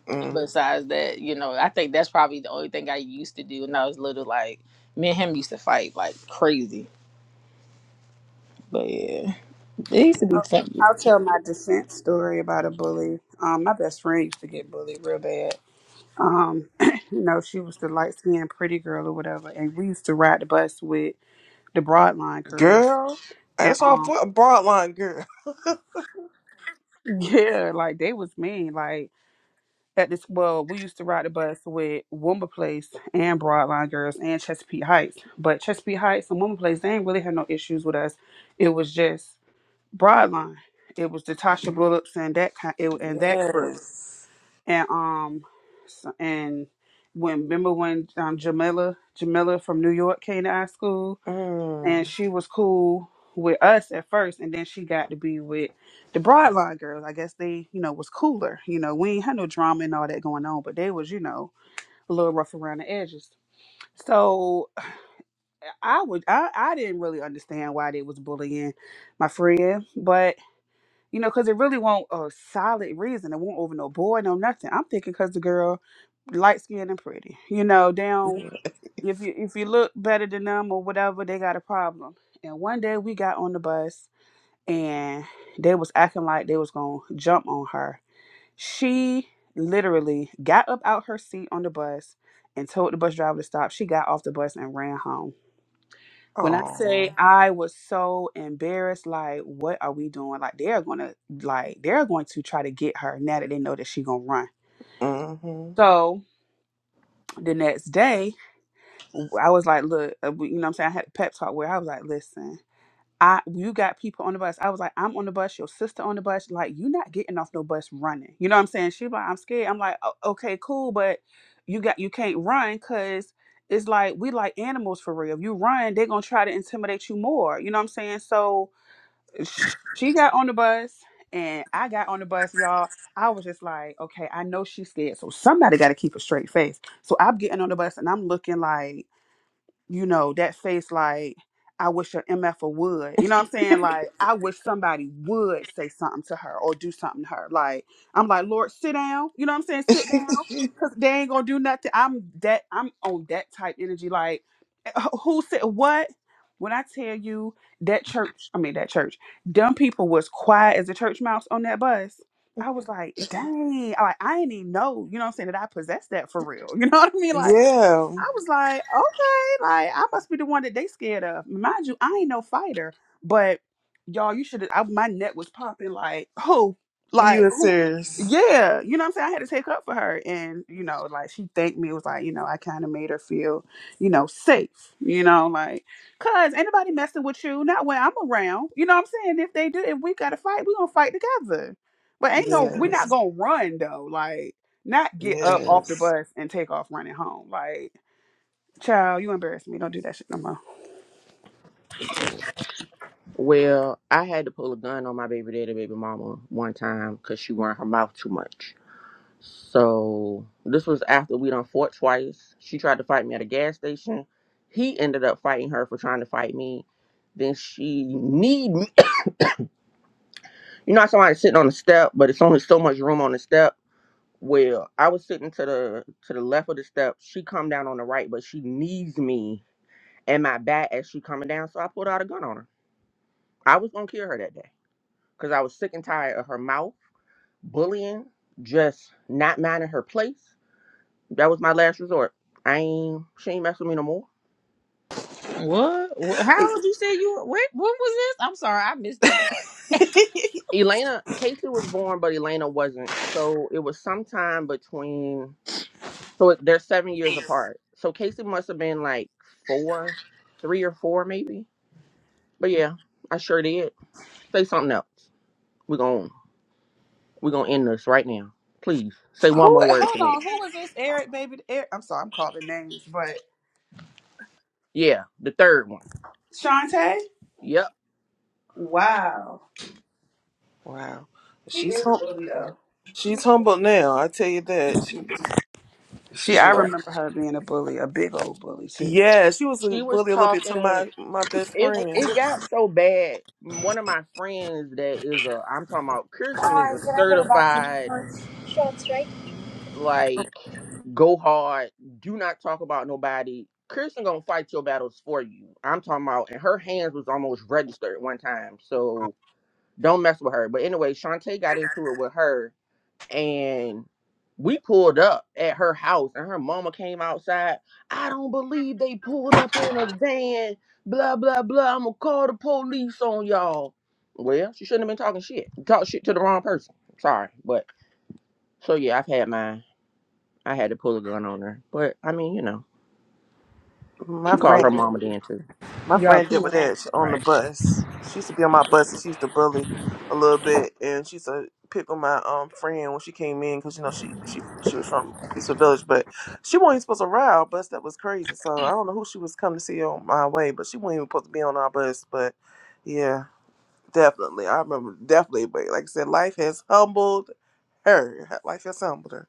S1: Mm.
S5: besides that, you know, I think that's probably the only thing I used to do when I was little. Like me and him used to fight like crazy. But yeah, they used to be fun.
S2: I'll tell my descent story about a bully. Um, my best friend used to get bullied real bad. Um, you know, she was the light skinned pretty girl or whatever, and we used to ride the bus with the broadline girls.
S1: Girl,
S2: And
S1: that's all
S2: um,
S1: for a broadline girl.
S2: yeah, like they was mean. Like at this, well, we used to ride the bus with Woomba Place and Broadline girls and Chesapeake Heights. But Chesapeake Heights and Woomba Place, they ain't really had no issues with us. It was just Broadline. It was the Tasha Bullock's and that kind, it, and that crew.
S1: Yes.
S2: and um so- and when remember when um Jamila Jamila from New York came to our school
S1: Mm.
S2: and she was cool with us at first and then she got to be with the broadline girls. I guess they, you know, was cooler. You know, we ain't had no drama and all that going on, but they was, you know, a little rough around the edges. So I would I, I didn't really understand why they was bullying my friend, but you know, because it really won't a solid reason. It won't over no boy, no nothing. I'm thinking because the girl light skinned and pretty. You know, down if you if you look better than them or whatever, they got a problem. And one day we got on the bus and they was acting like they was gonna jump on her. She literally got up out her seat on the bus and told the bus driver to stop. She got off the bus and ran home when I
S1: Oh.
S2: say I was so embarrassed, like, what are we doing? Like, they're gonna, like, they're going to try to get her now that they know that she gonna run.
S1: Mm-hmm.
S2: So the next day, I was like, look, uh, you know, what I'm saying I had a pep talk where I was like, listen, I, you got people on the bus. I was like, I'm on the bus, your sister on the bus. Like, you not getting off no bus running. You know what I'm saying? She like, I'm scared. I'm like, "O- okay, cool, but you got, you can't run because it's like we like animals for real. If you run, they're gonna try to intimidate you more. You know what I'm saying? So sh- she got on the bus and I got on the bus, y'all. I was just like, okay, I know she's scared, so somebody got to keep a straight face. So I'm getting on the bus and I'm looking like you know, that face like, I wish a MFer would. You know what I'm saying? Like, I wish somebody would say something to her or do something to her. Like, I'm like, Lord, sit down. You know what I'm saying? Sit down. Cause they ain't gonna do nothing. I'm that I'm on that type energy. Like, who said what? When I tell you that church, I mean that church, dumb people was quiet as a church mouse on that bus. I was like, dang, like I didn't even know, you know what I'm saying, that I possessed that for real. You know what I mean? Like
S1: Yeah.
S2: I was like, okay, like I must be the one that they scared of. Mind you, I ain't no fighter, but y'all, you should have. My neck was popping. Like who?
S1: You
S2: Like
S1: were
S2: who?
S1: serious.
S2: Yeah, you know what I'm saying. I had to take up for her, and you know, like she thanked me. It was like, you know, I kind of made her feel, you know, safe. You know, like, cause anybody messing with you, not when I'm around. You know what I'm saying? If they do, if we got to fight, we gonna fight together. But ain't no, we're not
S1: Yes.
S2: gonna run though. Like, not get up off the
S1: Yes.
S2: bus and take off running home. Like Child, you embarrass me. Don't do that shit no more.
S3: Well, I had to pull a gun on my baby daddy, baby mama one time because she ran her mouth too much. So this was after we done fought twice. She tried to fight me at a gas station. He ended up fighting her for trying to fight me. Then she need me. You know how somebody's sitting on the step, but it's only so much room on the step. Well, I was sitting to the to the left of the steps. She come down on the right, but she knees me and my back as she coming down. So I pulled out a gun on her. I was gonna kill her that day because I was sick and tired of her mouth, bullying, just not minding her place. That was my last resort. I ain't she ain't messing with me no more.
S5: What? What- How old you said you? were- What? What was this? I'm sorry, I missed that part.
S3: Elena Casey was born, but Elena wasn't. So it was sometime between. So it- they're seven years apart. So Casey must have been like four, three or four maybe. But yeah, I sure did. Say something else. We're going we're gonna end this right now. Please. Say one
S2: Who?
S3: more word to
S2: Hold
S3: me.
S2: on. Who was this? Eric, baby. Eric. I'm sorry. I'm calling names, but
S3: Yeah, the third one.
S2: Shantae.
S3: Yep.
S2: Wow.
S1: wow.
S2: She
S1: She's
S2: is a
S1: hum-
S2: bully though. She,
S1: she's humble now, I tell you that. She, she-
S2: she. I
S3: Yeah.
S1: oh,
S2: remember her being a bully, a big old bully too.
S1: yeah, she was a
S3: She was
S1: bully a little bit to
S3: talking
S1: my my best
S3: it
S4: Hey
S1: friend.
S3: it got so bad. One of my friends that is a I'm talking about Kirsten is a
S4: guys, Can I get a box of
S3: certified
S4: shorts? Shorts, right?
S3: like go hard, do not talk about nobody. Kirsten gonna fight your battles for you. I'm talking about and her hands was almost registered one time. So don't mess with her. But anyway, Shantae got into it with her and we pulled up at her house and her mama came outside. I don't believe they pulled up in a van, blah, blah, blah. I'm gonna call the police on y'all. Well, she shouldn't have been talking shit. You Talk shit to the wrong person. Sorry. But so yeah, I've had mine. I had to pull a gun on her. But I mean, you know,
S1: My
S3: she called her
S1: friend.
S3: mama then too.
S1: My
S5: Y'all
S1: friend did
S5: cool
S1: with
S5: now,
S1: that on the
S5: right?
S1: bus. She used to be on my bus, and she used to bully a little bit. And she used to pick on my um friend when she came in because you know she she she was from Peaceful Village, but she wasn't even supposed to ride our bus. That was crazy. So I don't know who she was coming to see on my way, but she wasn't even supposed to be on our bus. But yeah, definitely, I remember definitely. But like I said, life has humbled her. Life has humbled her.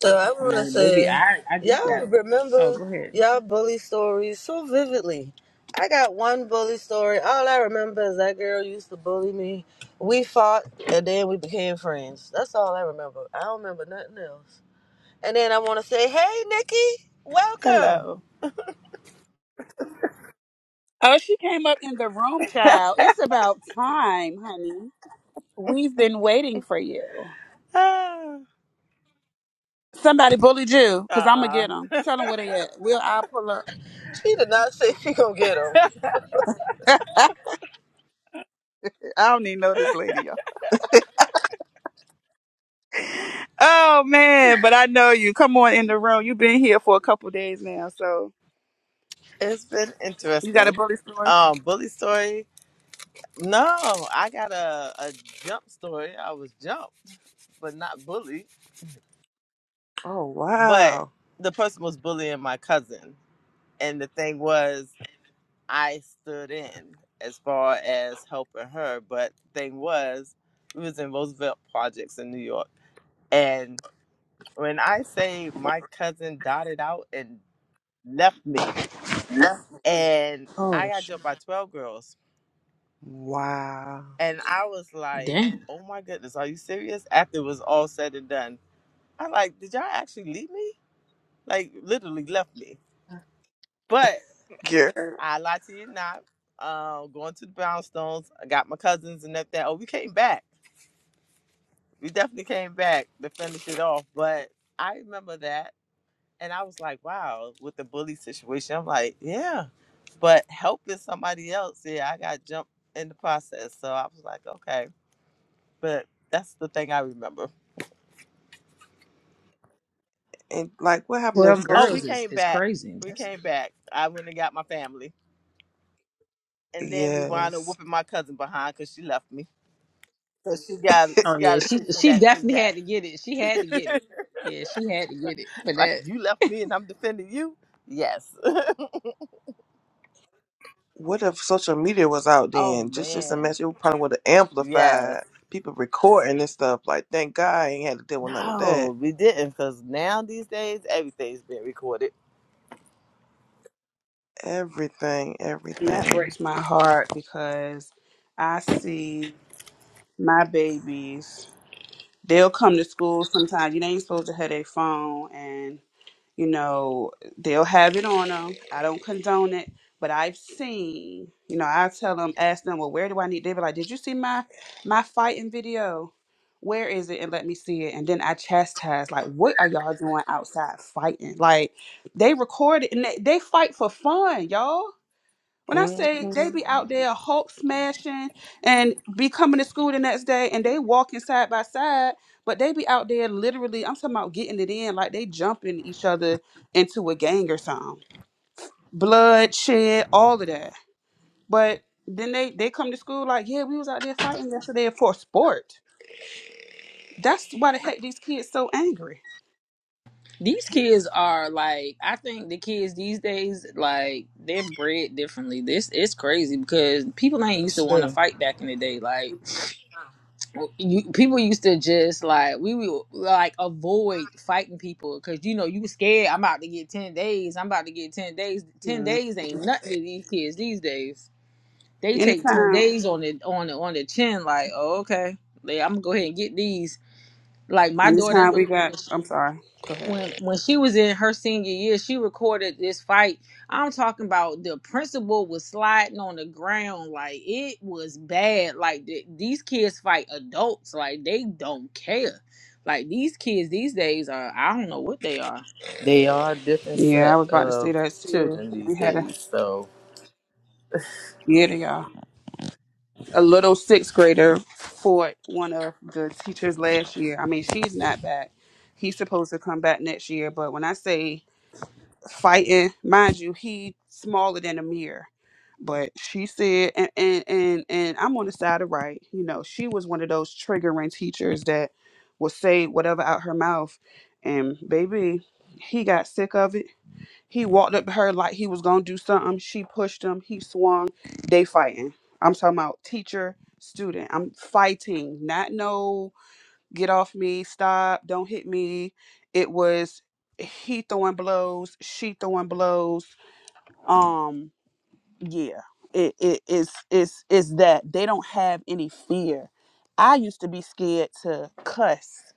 S4: So I want to
S5: Now, baby,
S4: say,
S5: I I do
S4: y'all
S5: that. Oh,
S4: remember
S5: go ahead.
S4: y'all bully stories so vividly. I got one bully story. All I remember is that girl used to bully me. We fought, and then we became friends. That's all I remember. I don't remember nothing else. And then I want to say, hey, Nikki, welcome.
S6: Hello.
S2: Oh, she came up in the room, child. It's about time, honey. We've been waiting for you.
S6: Ah,
S2: Somebody bullied you, cause I'm gonna get
S6: uh-uh.
S2: them. Tell them where they at. Will I pull up?
S4: She did not say she gonna get 'em.
S2: I don't even know this lady, y'all. Oh man, but I know you. Come on in the room. You've been here for a couple days now, so.
S6: It's been
S2: You got a
S6: interesting.
S2: bully story?
S6: Um, bully story. No, I got a, a jump story. I was jumped, but not bullied.
S1: Oh
S6: But
S1: wow,
S6: the person was bullying my cousin. And the thing was, I stood in as far as helping her. But thing was, we was in Roosevelt Projects in New York. And when I say my cousin dotted out and left me, and
S2: Oh,
S6: I got
S2: sh-
S6: jumped by 12 girls.
S1: wow,
S6: And I was like,
S5: Damn,
S6: oh my goodness, are you serious? After it was all said and done, I'm like, did y'all actually leave me? Like, literally left me. But
S1: yeah.
S6: I lied to you not. Uh, going to the brownstones, I got my cousins and that. that. Oh, we came back. We definitely came back to finish it off. But I remember that. And I was like, wow, with the bully situation, I'm like, yeah. But helping somebody else, yeah, I got jumped in the process. So I was like, okay. but that's the thing I remember.
S1: And like, what happened to
S5: twelve
S6: Oh,
S1: social?
S6: we
S5: girls is
S6: came
S5: is
S6: back.
S5: crazy.
S6: We
S5: That's,
S6: came back. I went and got my family, and then we wound up
S1: Yes.
S6: whooping my cousin behind because she left me. So she got
S5: oh
S6: she got
S5: yeah,
S6: a
S5: she
S6: taste of
S5: she
S6: that too.
S5: definitely had to get it. She had to get
S6: Yeah,
S5: it. Yeah, she had to get it for
S6: like
S5: that.
S6: you left me and I'm defending you. Yes.
S1: what if social media was out
S6: Oh
S1: then? Just just
S6: man.
S1: imagine it probably would have
S6: Yes.
S1: amplified people recording and stuff. Like, thank God I ain't had to deal with none of that.
S6: No, we didn't because now these days everything's been recorded.
S1: Everything,
S2: and that
S1: everything.
S2: breaks my heart because I see my babies. They'll come to school sometimes. You ain't supposed to have their phone, and you know they'll have it on them. I don't condone it, but I've seen. You know, I tell them, ask them, well, where do I need? They be like, did you see my my fighting video? Where is it? And let me see it. And then I chastise, like, what are y'all doing outside fighting? Like, they record it and they, they fight for fun, y'all When I
S1: hmm
S2: say they be out there Hulk smashing and be coming to school the next day and they walking side by side, but they be out there literally, I'm talking about getting it in, like they jumping each other into a gang or something. bloodshed, all of that. But then they, they come to school like, yeah, we was out there fighting yesterday for sport. That's why the heck these kids so angry.
S5: These kids are like, I think the kids these days, like, they're bred differently. This it's crazy because people ain't used to want to
S6: Sure.
S5: fight back in the day. Like, you, people used to just like we would like avoid fighting people because you know you was scared. I'm about to get ten days. I'm about to get ten days. Ten
S2: Mm.
S5: days ain't nothing to these kids these days. They take ten
S2: Anytime,
S5: days on the on the on the chin. Like, oh, okay, Like, I'm gonna go ahead and get these. Like my daughter
S2: anytime we got,
S5: was
S2: I'm sorry, go ahead.
S5: when when she was in her senior year, she recorded this fight. I'm talking about the principal was sliding on the ground like it was bad. Like th- these kids fight adults, like they don't care. Like these kids these days are I don't know what they are.
S6: They are a different
S2: Yeah, I
S6: set
S2: was about to say
S6: of
S2: that too.
S6: children these
S2: We had a,
S6: days, so
S2: yeah, y'all. a little sixth grader fought one of the teachers last year. I mean, she's not back. He's supposed to come back next year, but when I say fighting, mind you, he's smaller than a mirror. But she said, and and and, and I'm on the side of right. You know, she was one of those triggering teachers that will say whatever out her mouth, and baby, he got sick of it he walked up to her like he was gonna do something. She pushed him. He swung. They fighting. I'm talking about teacher, student. I'm fighting. Not no get off me, stop, don't hit me. It was he throwing blows, she throwing blows. Um, yeah. It it is is is that they don't have any fear. I used to be scared to cuss.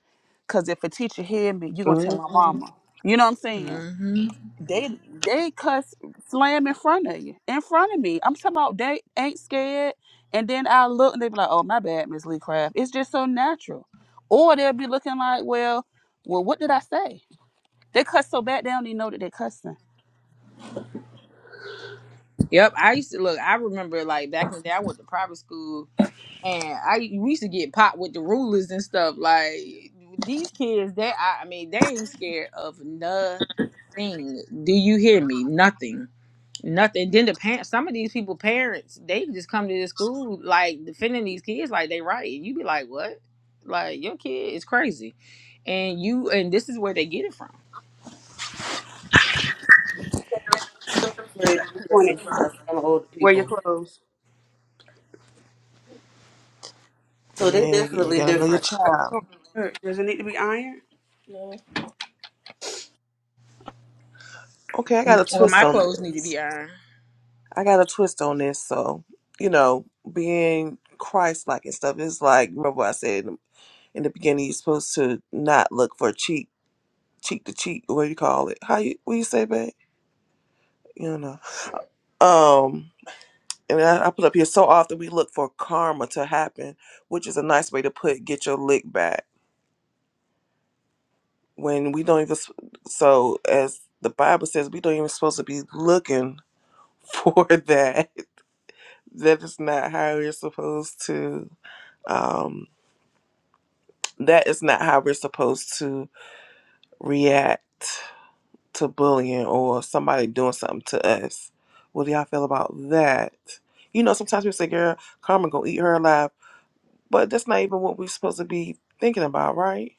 S2: Cause if a teacher hear me, you're gonna tell my
S1: hmm
S2: mama. You know what I'm saying?
S5: hmm
S2: They they cuss slam in front of you, in front of me. I'm talking about they ain't scared. And then I look and they be like, "Oh my bad, Miss Lee Craft." It's just so natural. Or they'll be looking like, "Well, well, what did I say?" They cuss so bad they don't even know that they're cussing.
S5: Yep, I used to look. I remember like back in the day, I went to private school and I we used to get popped with the rulers and stuff. Like these kids, they I, I mean, they ain't scared of nothing. Do you hear me? Nothing. Nothing. Then the parents, some of these people, parents, they just come to the school like defending these kids like they right. And you be like, what? Like your kid is crazy, and you and this is where they get it from.
S4: still a creative
S2: Seven
S4: person
S2: twenty.
S4: trying to sound older
S2: Wear your
S4: people.
S2: clothes.
S4: So they're
S1: Yeah, you
S4: definitely
S1: gotta know your
S4: different.
S1: child.
S2: Does it need to be ironed?
S1: Okay, I got a
S5: Or
S1: twist
S5: my
S1: on
S5: clothes need to
S1: this.
S5: be ironed.
S1: I got a twist on this. So, you know, being Christ-like and stuff is like. Remember, what I said in the in the beginning, you're supposed to not look for cheat, cheat to cheat. What do you call it? How you? What you say, babe? You don't know. Um. and I, I put up here so often we look for karma to happen, which is a nice way to put get your lick back. When we don't even, s- so as the Bible says, we don't even supposed to be looking for that. That is not how we're supposed to. Um, that is not how we're supposed to react to bullying or somebody doing something to us. What do y'all feel about that? You know, sometimes we say, "Girl, karma gonna eat her alive." But that's not even what we're supposed to be thinking about, right?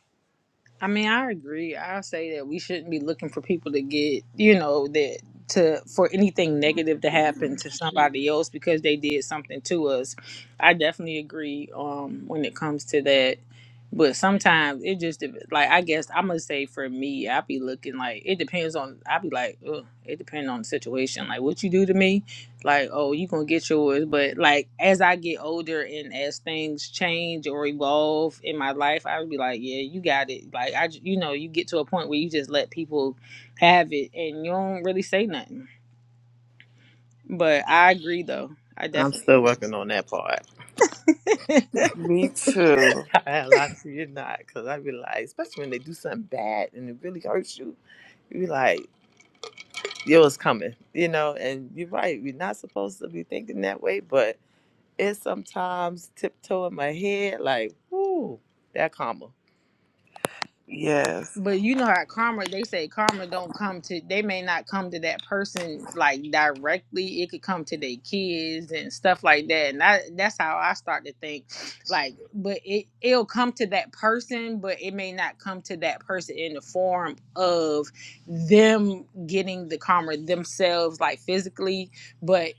S5: I mean, I agree. I say that we shouldn't be looking for people to get, you know, that to for anything negative to happen to somebody else because they did something to us. I definitely agree um when it comes to that. But sometimes it just dep- like I guess I'm gonna say for me, I be looking like it depends on. I be like, Ugh, it depends on the situation. Like what you do to me, like oh you gonna get yours but like as i get older and as things change or evolve in my life i would be like yeah you got it like i j- you know you get to a point where you just let people have it and you don't really say nothing but i agree though i
S6: I'm
S5: definitely
S6: still
S5: agree
S6: working on that part.
S1: Me too.
S6: I had a lot of fear, not, because I be like, especially when they do something bad and it really hurts you, you be like, yo, it's coming, you know. And you're right, we're not supposed to be thinking that way, but it's sometimes tiptoeing my head, like, whoo, that karma.
S1: Yes.
S5: but you know how karma they say karma don't come to they may not come to that person like directly it could come to their kids and stuff like that and I, that's how i start to think like but it it'll come to that person but it may not come to that person in the form of them getting the karma themselves like physically but.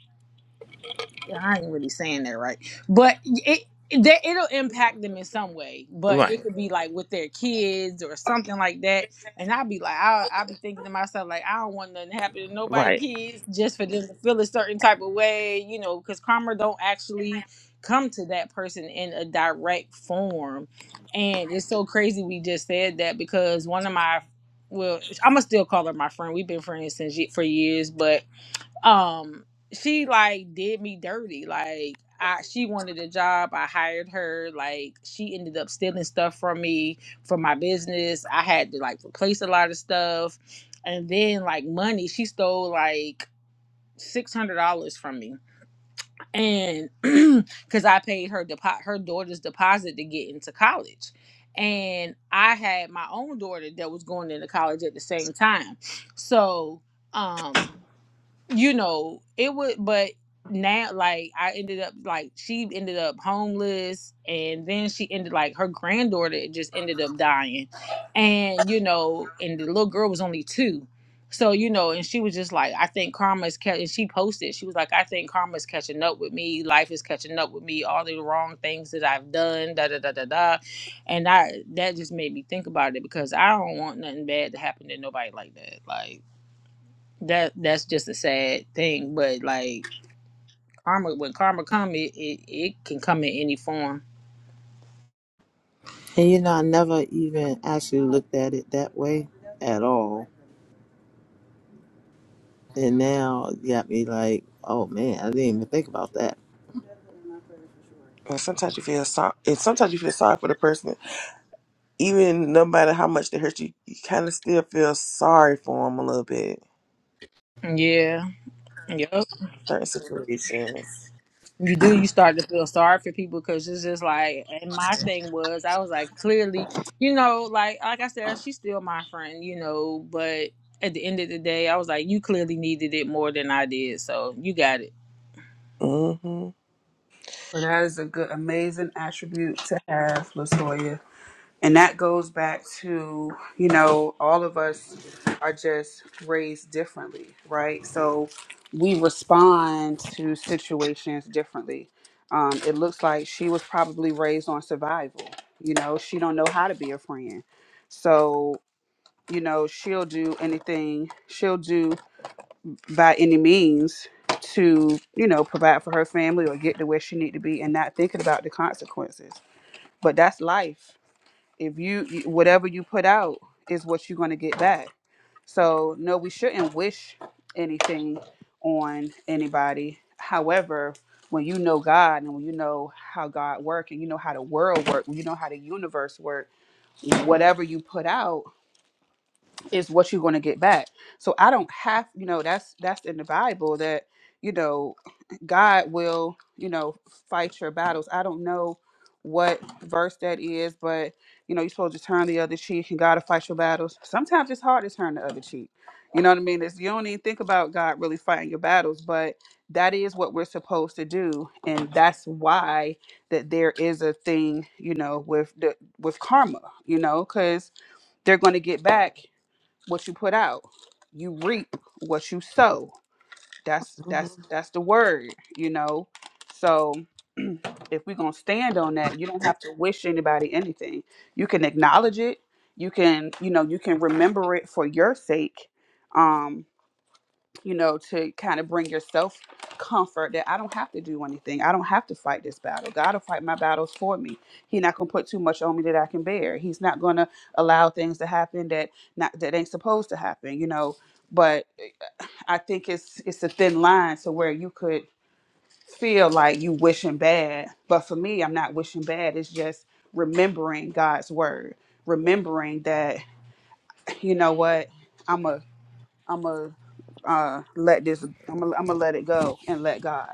S5: Yeah, I ain't really saying that right, but it. it That it'll impact them in some way, but it
S6: Right,
S5: could be like with their kids or something like that. And I'll be like, I'll, I'll be thinking to myself, like, I don't want nothing to happen to nobody
S6: right.
S5: kids just for them to feel a certain type of way, you know, because karma don't actually come to that person in a direct form. And it's so crazy we just said that because one of my, well, I'm gonna still call her my friend. We've been friends since ye- for years, but um she like did me dirty like I, she wanted a job i hired her like she ended up stealing stuff from me for my business i had to like replace a lot of stuff and then like money she stole like $600 from me and because i paid her depo- her daughter's deposit to get into college and i had my own daughter that was going into college at the same time so um you know, it would, but now, like, I ended up, like, she ended up homeless, and then she ended, like, her granddaughter just ended up dying. And, you know, and the little girl was only two. So, you know, and she was just like, I think karma's catching, and she posted, she was like, I think karma's catching up with me. Life is catching up with me. All the wrong things that I've done, da da da da da. And I, that just made me think about it because I don't want nothing bad to happen to nobody like that. Like, that that's just a sad thing but like karma when karma comes, it, it it can come in any form
S6: And you know, I never even actually looked at it that way at all. And now it got me like, oh man, I didn't even think about that.
S1: And sometimes you feel sorry. And sometimes you feel sorry for the person, even no matter how much they hurt you. You kind of still feel sorry for them a little bit.
S5: yeah yep
S1: Certain situations.
S5: you do you start to feel sorry for people because it's just like and my thing was i was like clearly you know like like i said she's still my friend you know but at the end of the day i was like you clearly needed it more than i did so you got it
S1: hmm hmm
S2: But that is a good, amazing attribute to have, Latoya. And that goes back to, you know, all of us are just raised differently, right? So we respond to situations differently. Um, it looks like she was probably raised on survival. You know, she don't know how to be a friend. So, you know, she'll do anything, she'll do by any means to, you know, provide for her family or get to where she need to be and not thinking about the consequences. But that's life if you you- whatever you put out is what you're going to get back so no we shouldn't wish anything on anybody however when you know god and when you know how god work and you know how the world work when you know how the universe work whatever you put out is what you're going to get back. So I don't have, you know, that's that's in the Bible that you know God will, you know, fight your battles. I don't know what verse that is, but you know, you're supposed to turn the other cheek and God will fight your battles. Sometimes it's hard to turn the other cheek. You know what I mean? It's, you don't even think about God really fighting your battles, but that is what we're supposed to do, and that's why that there is a thing, you know, with the with karma, you know, because they're going to get back what you put out. You reap what you sow. That's that's that's the word, you know. So if we're gonna stand on that, you don't have to wish anybody anything. You can acknowledge it. You can, you know, you can remember it for your sake. Um you know, to kind of bring yourself comfort that I don't have to do anything. I don't have to fight this battle. God will fight my battles for me. He's not gonna put too much on me that I can bear. He's not gonna allow things to happen that not that ain't supposed to happen, you know. But I think it's it's a thin line to where you could feel like you wishing bad. But for me, I'm not wishing bad. It's just remembering God's word. Remembering that, you know what, I'm a I'm gonna uh, let this. I'm gonna I'm gonna let it go and let God.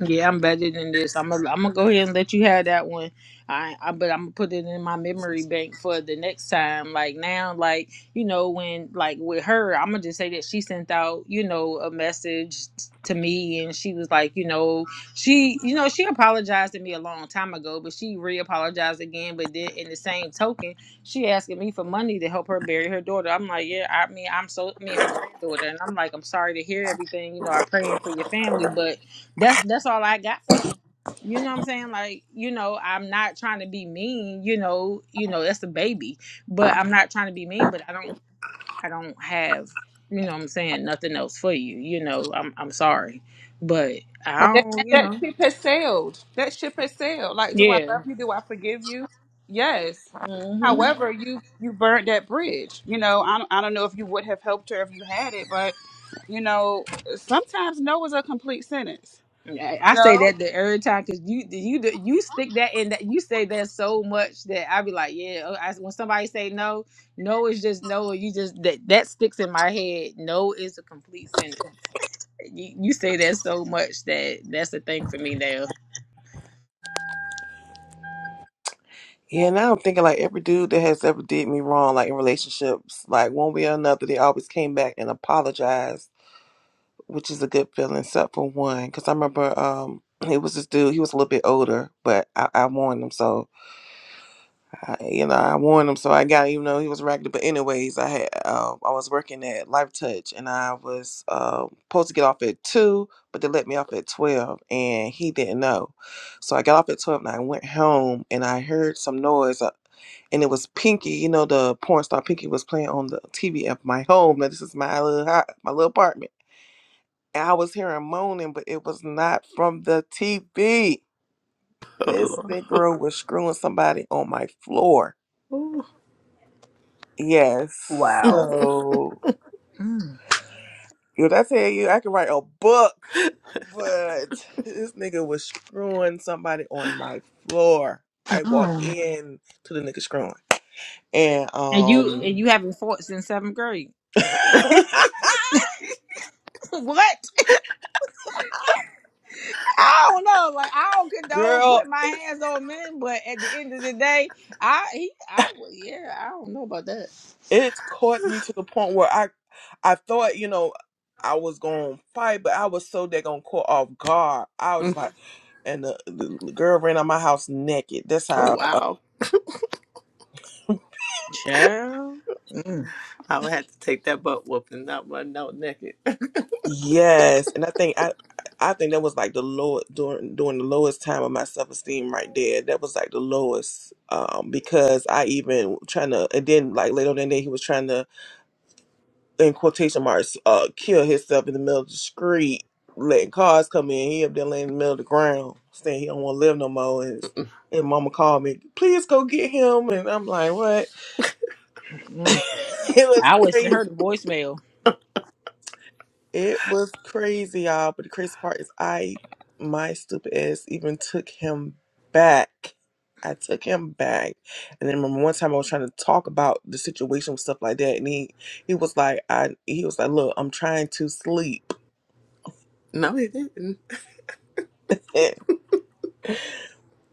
S5: Yeah, I'm better than this. I'm gonna I'm gonna go ahead and let you have that one. I, I but I'm gonna put it in my memory bank for the next time. Like now, like you know when like with her, I'm gonna just say that she sent out you know a message t- to me, and she was like, you know, she you know she apologized to me a long time ago, but she re-apologized again. But then in the same token, she asking me for money to help her bury her daughter. I'm like, yeah, I mean, I'm so I mean her granddaughter, and I'm like, I'm sorry to hear everything. You know, I'm praying for your family, but that's that's all I got for you. You know what I'm saying? Like, you know, I'm not trying to be mean, you know, you know, that's a baby. But I'm not trying to be mean, but I don't I don't have, you know what I'm saying, nothing else for you. You know, I'm I'm sorry. But I
S2: That,
S5: don't, you
S2: that
S5: know.
S2: ship has sailed. That ship has sailed. Like, do I
S5: Yeah.
S2: love you? Do I forgive you? Yes.
S5: Mhm.
S2: However, you you burned that bridge. You know, I don't, I don't know if you would have helped her if you had it, but you know, sometimes no is a complete sentence.
S5: I, I say
S2: No.
S5: that the every time cuz you you you stick that in that you say that so much that I be like, yeah, oh, I, when somebody say no, no is just no, or you just that that sticks in my head. No is a complete sentence. You, you say that so much that that's the thing for me now.
S1: Yeah, now I'm thinking like every dude that has ever did me wrong, like in relationships, like one way or another, they always came back and apologized, which is a good feeling, except for one. Because I remember um, it was this dude. He was a little bit older, but I, I warned him so. I, you know, I warned him, so I got even though he was raggedy. But anyways, I had uh, I was working at Life Touch, and I was uh, supposed to get off at two, but they let me off at twelve, and he didn't know. So I got off at twelve, and I went home, and I heard some noise, uh, and it was Pinky. You know, the porn star Pinky was playing on the TV at my home. Now this is my little hou- my little apartment, and I was hearing moaning, but it was not from the TV. This
S6: Oh,
S1: Negro was screwing somebody on my floor
S6: Lord.
S1: Yes.
S4: Wow.
S1: So,
S5: Mm.
S1: what I tell you, I can write a book, but this nigga was screwing somebody on my floor. I walked
S5: Oh.
S1: in to the nigga screwing, and
S5: And you and
S1: um,
S5: you haven't fought since seventh grade.
S6: Ooh.
S5: what? I don't know. Like I don't condone
S1: girl,
S5: putting my hands on men, but at the end of the day, I he, I would- yeah, I don't know about that.
S1: it caught me to the point where I I thought you know I was gonna fight, but I was so they gonna caught off guard. I
S6: oh,
S1: was like, and the, the girl ran out my house naked. That's how.
S6: wow.
S5: Ciao. mm,
S6: I would have to take that butt whooping, not run out naked.
S1: Yes, and I think I I think that was like the low during during the lowest time of my self esteem right there. That was like the lowest um because I even trying to and then like later on that day he was trying to in quotation marks uh kill himself in the middle of the street, letting cars come in. He up there laying in the middle of the ground saying he don't want to live no more. And, his- and mama called me, please go get him, and I'm like, what?
S5: mm.
S1: it was
S5: I was send
S1: crazy.
S5: her the voicemail.
S1: It was crazy, y'all. But the crazy part is, I, my stupid ass, even took him back. I took him back, and then remember one time I was trying to talk about the situation with stuff like that, and he, he was like, I, he was like, look, I'm trying to sleep.
S6: No, he didn't.
S1: the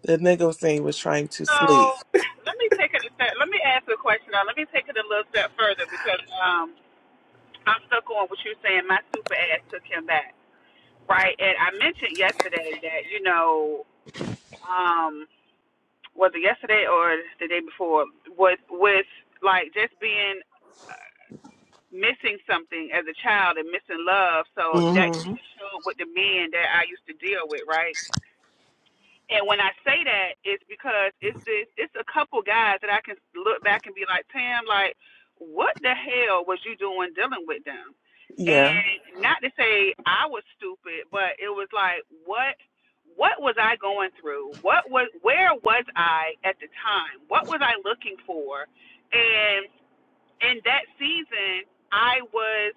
S1: nigga was saying he was trying to
S2: So
S1: sleep.
S2: let me take it a step. Let me ask you a question. Now. Let me take it a little step further because um, I'm stuck on what you're saying. My super ass took him back. Right, and I mentioned yesterday that you know, um, was it yesterday or the day before? With with like just being missing something as a child and missing love, so that
S1: hmm
S2: kind of showed with the men that I used to deal with, right? And when I say that, it's because it's this, it's a couple guys that I can look back and be like, Tam, like, what the hell was you doing dealing with them?
S1: Yeah,
S2: and not to say I was stupid, but it was like what what was I going through? What was where was I at the time? What was I looking for? And in that season I was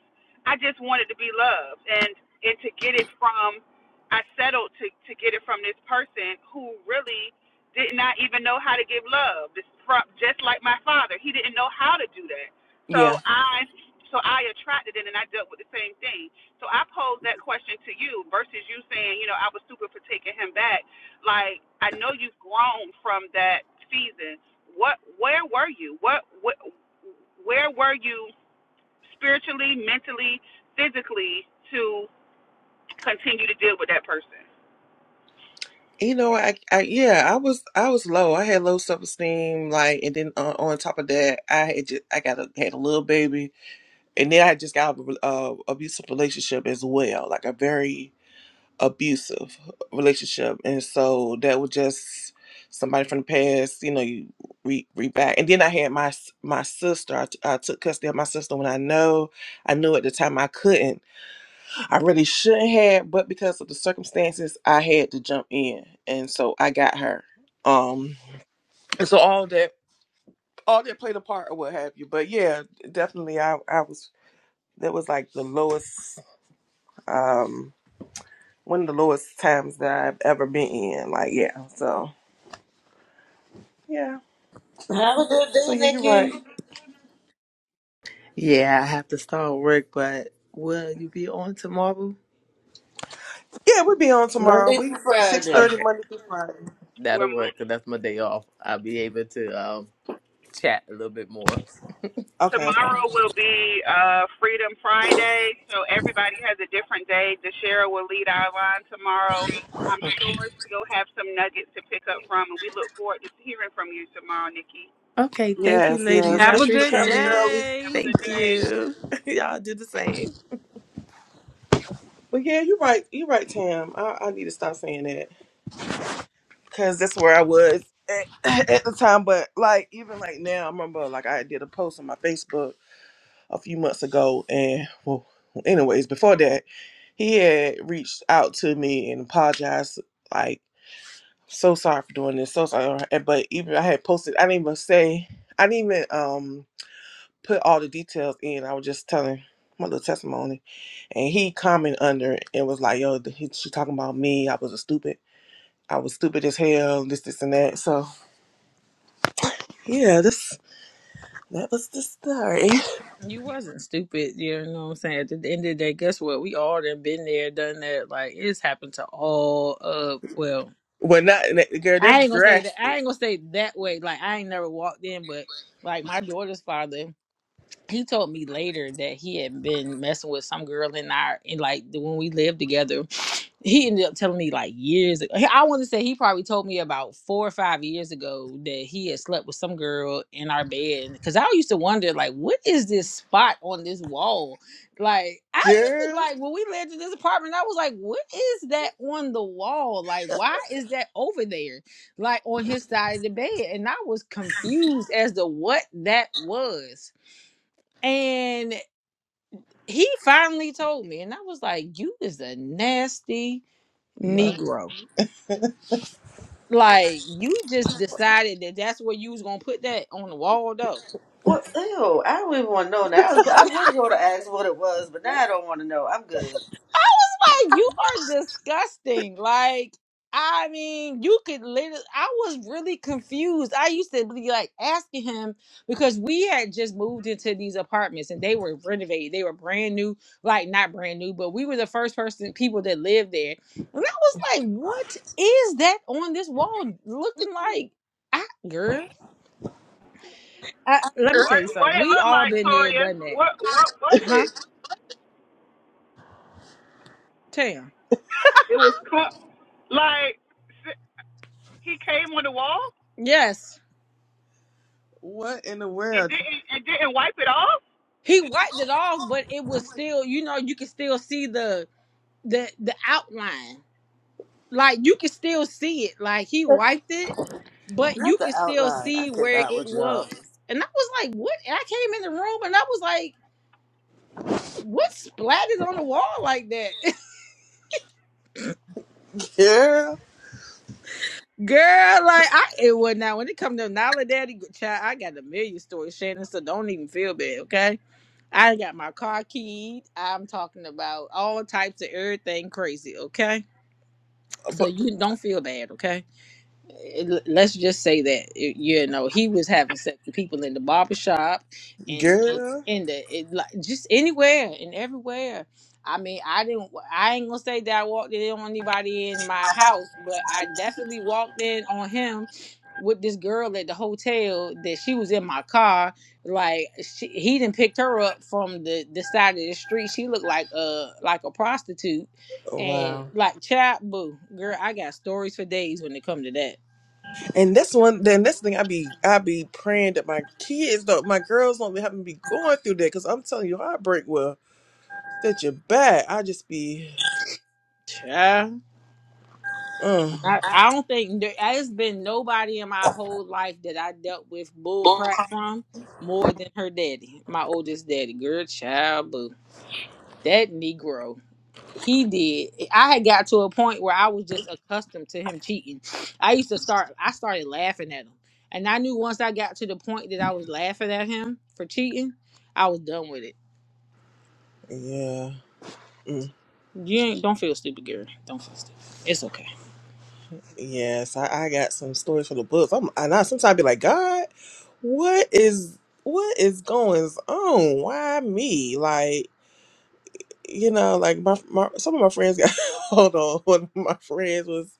S2: I just wanted to be loved and and to get it from I settled to to get it from this person who really did not even know how to give love. This from just like my father, he didn't know how to do that. So
S1: yeah.
S2: I so I attracted it and I dealt with the same thing. So I posed that question to you versus you saying, you know, I was stupid for taking him back. Like I know you've grown from that season what where were you what, what where were you spiritually, mentally, physically to continue to deal with that person?
S1: You know, I, I, yeah, I was, I was low. I had low self esteem, like, and then uh, on top of that, I had just, I got a, had a little baby. and then I had just got out of a uh, abusive relationship as well, like a very abusive relationship, and so that was just somebody from the past, you know, you re, re back. And then I had my s- my sister. I, t- I took custody of my sister when I know I knew at the time I couldn't. I really shouldn't have, but because of the circumstances, I had to jump in, and so I got her. Um, and so all that all that played a part or what have you. But yeah, definitely, I I was that was like the lowest Um, one of the lowest times that I've ever been in. Like, yeah. So, yeah.
S4: Have a good
S1: So
S4: day,
S1: yeah, you're right.
S4: Nikki.
S6: Yeah, I have to start work, but will you be on tomorrow?
S1: Yeah, we'll be on tomorrow.
S4: Monday
S1: We
S4: through
S1: six
S4: Friday.
S1: thirty
S6: Okay,
S1: Monday through Friday.
S6: that'll work because that's my day off. I'll be able to um, chat a little bit more.
S1: Okay.
S2: Uh, Freedom Friday, so everybody has a different day. DeShera will lead our line tomorrow. I'm
S6: Okay.
S2: sure you'll have some nuggets to pick up from, and we look forward to hearing from you tomorrow, Nikki.
S6: Okay, thank you,
S1: Yes,
S6: ladies.
S1: yes.
S6: I
S5: Have a
S1: Thank you for
S5: good
S6: appreciate
S1: coming,
S6: it.
S1: girlie.
S5: day.
S2: Have a good
S6: Thank
S2: day.
S6: you. Y'all do the same.
S1: But yeah, you're right. You're right, Tam. I, I need to stop saying that because that's where I was at, at the time. But like, even like now, I remember like I did a post on my Facebook a few months ago, and well, anyways, before that, he had reached out to me and apologized. Like. So sorry for doing this. So sorry. uh, And- But even I had posted, I didn't even say, I didn't even um put all the details in. I was just telling my little testimony. And he commented under it and was like, yo, he, she talking about me. I was a stupid. I was stupid as hell, this, this, and that. So, yeah, this that was the story.
S5: You wasn't stupid, you know what I'm saying? At the end of the day, guess what? We all done been there, done that. Like it's happened to all of well.
S1: well, not, that- girl,
S5: I
S1: that's
S5: ain't gonna say that. I
S1: drastic.
S5: ain't gonna say that way. Like I ain't never walked in, but like my daughter's father he told me later that he had been messing with some girl in our in like the- when we lived together. He ended up telling me like years ago. I want to say he probably told me about four or five years ago that he had slept with some girl in our bed. Because I used to wonder like, what is this spot on this wall? Like I used to
S1: Girl,
S5: like when we lived in this apartment, I was like, what is that on the wall? Like why is that over there? Like on his side of the bed, and I was confused as to what that was. And he finally told me, and I was like, You is a nasty
S1: my-
S5: Negro. Like, you just decided that that's where you was going to put that on the wall, though.
S4: What? Ew, I don't even want to know now. I was, I was going to ask what it was, but now I don't want to know. I'm good.
S5: like you are disgusting. Like, I mean, you could literally. I was really confused. I used to be like asking him because we had just moved into these apartments and they were renovated. They were brand new, like not brand new, but we were the first person people that lived there. And I was like, "What is that on this wall looking like?" I, girl, I, let me
S2: What
S5: tell you
S2: what
S5: something.
S2: it
S5: We
S2: looked
S5: all
S2: like,
S5: been there,
S2: Toya?
S5: done that,
S2: What what was
S5: huh?
S2: it?
S5: Tam.
S2: It was co- like he came on the wall
S5: Yes.
S1: what in the
S2: and
S1: world?
S2: didn't and didn't wipe it off.
S5: he wiped it off, but it was still, you know, you could still see the the the outline. Like you could still see it. Like he wiped it, but you
S4: Not the
S5: could still
S4: outline. I
S5: see where
S4: cannot
S5: it
S4: with
S5: was.
S4: y'all.
S5: And I was like, what? And I came in the room and I was like, what splatted on the wall like that?
S1: Girl,
S5: Girl, like I it was now when it comes to Nala Daddy child, I got a million stories, Shannon, so don't even feel bad, okay? I got my car keyed. I'm talking about all types of everything crazy, okay? So
S1: but,
S5: you don't feel bad, okay? l- let's just say that it- you know he was having sex with people in the barber shop and Mhm.
S1: girl,
S5: in the it, like, just anywhere and everywhere i mean i didn't i ain't gonna say that i walked in on anybody in my house but i definitely walked in on him with this girl at the hotel that she was in my car like she, he didn't picked her up from the the side of the street she looked like a like a prostitute and
S1: wow.
S5: Mhm. like chat boo girl i got stories for days when it come to that
S1: And this one, then this thing, I be, I be praying that my kids don't, my girls don't have to be going through that. Cause I'm telling you, heartbreak will set you back. I just be,
S5: Yeah.
S1: uh,
S5: I, I don't think there has been nobody in my whole life that I dealt with bull crap from more than her daddy, my oldest daddy. Girl, child, boo. That Negro, he did. I had got to a point where I was just accustomed to him cheating. I used to start, I started laughing at him. And I knew once I got to the point that I was laughing at him for cheating, I was done with it.
S1: yeah,
S5: So,
S1: mm,
S5: You ain't, don't feel stupid, girl. Don't feel stupid. It's okay.
S1: yes. I, I got some stories for the books. I'm, and I sometimes be like, God, what is, what is going on? Why me? Like. you know, like my, my some of my friends got hold on. One of my friends was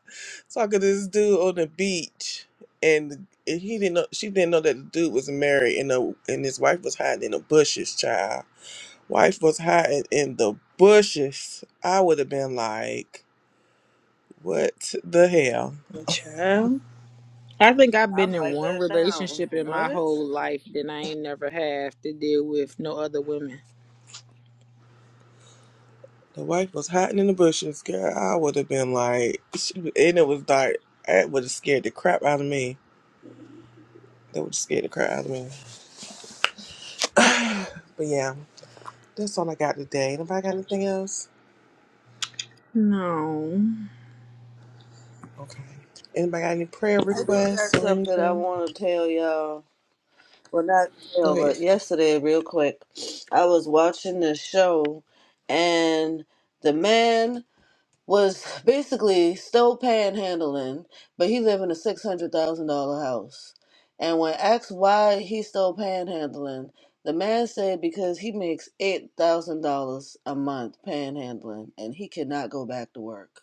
S1: talking to this dude on the beach, and he didn't know she didn't know that the dude was married, and the and his wife was hiding in the bushes. Child, wife was hiding in the bushes. I would have been like, what the hell?
S5: Child. I think I've been
S4: I'm
S5: in
S4: like
S5: one
S4: that now.
S5: relationship in my
S4: What?
S5: whole life that I ain't never have to deal with no other women.
S1: The wife was hiding in the bushes, girl. I would have been like, she- and it was dark. That would have scared the crap out of me. That would have scared the crap out of me. But yeah. That's all I got today. Anybody got anything else?
S5: No,
S1: Okay. Anybody got any prayer
S4: I do
S1: requests
S4: got
S1: or
S4: something I
S1: anything?
S4: want to tell y'all. Well, not
S1: Go
S4: tell,
S1: ahead,
S4: but
S1: sis.
S4: yesterday, real quick, I was watching the show, and the man. was basically still panhandling, but he lived in a six hundred thousand dollar house. And when asked why he's still panhandling, the man said because he makes eight thousand dollars a month panhandling, and he cannot go back to work.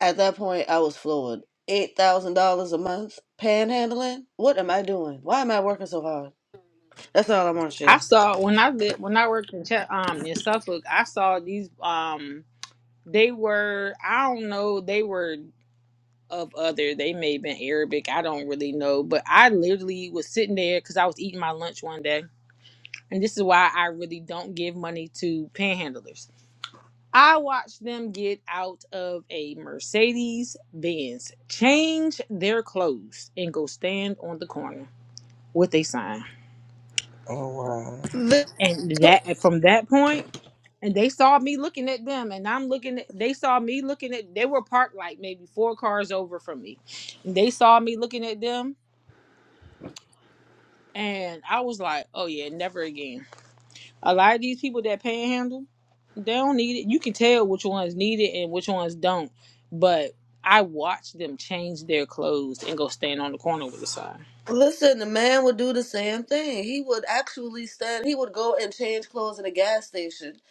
S4: At that point, I was floored. Eight thousand dollars a month panhandling? What am I doing? Why am I working so hard? That's all I want to
S5: I
S4: share.
S5: saw when I lived when I worked in Ch- um in Suffolk. I saw these um they were I don't know they were of other they may have been Arabic I don't really know but I literally was sitting there because I was eating my lunch one day and this is why I really don't give money to panhandlers I watched them get out of a Mercedes Benz, change their clothes, and go stand on the corner with a sign.
S1: Oh wow.
S5: And that from that point, and they saw me looking at them, and I'm looking at they saw me looking at they were parked like maybe four cars over from me. they saw me looking at them, and I was like, Oh yeah, never again. A lot of these people that panhandle, they don't need it. You can tell which ones need it and which ones don't. But I watch them change their clothes and go stand on the corner with a sign.
S4: Listen, the man would do the same thing. He would actually stand, he would go and change clothes in a gas station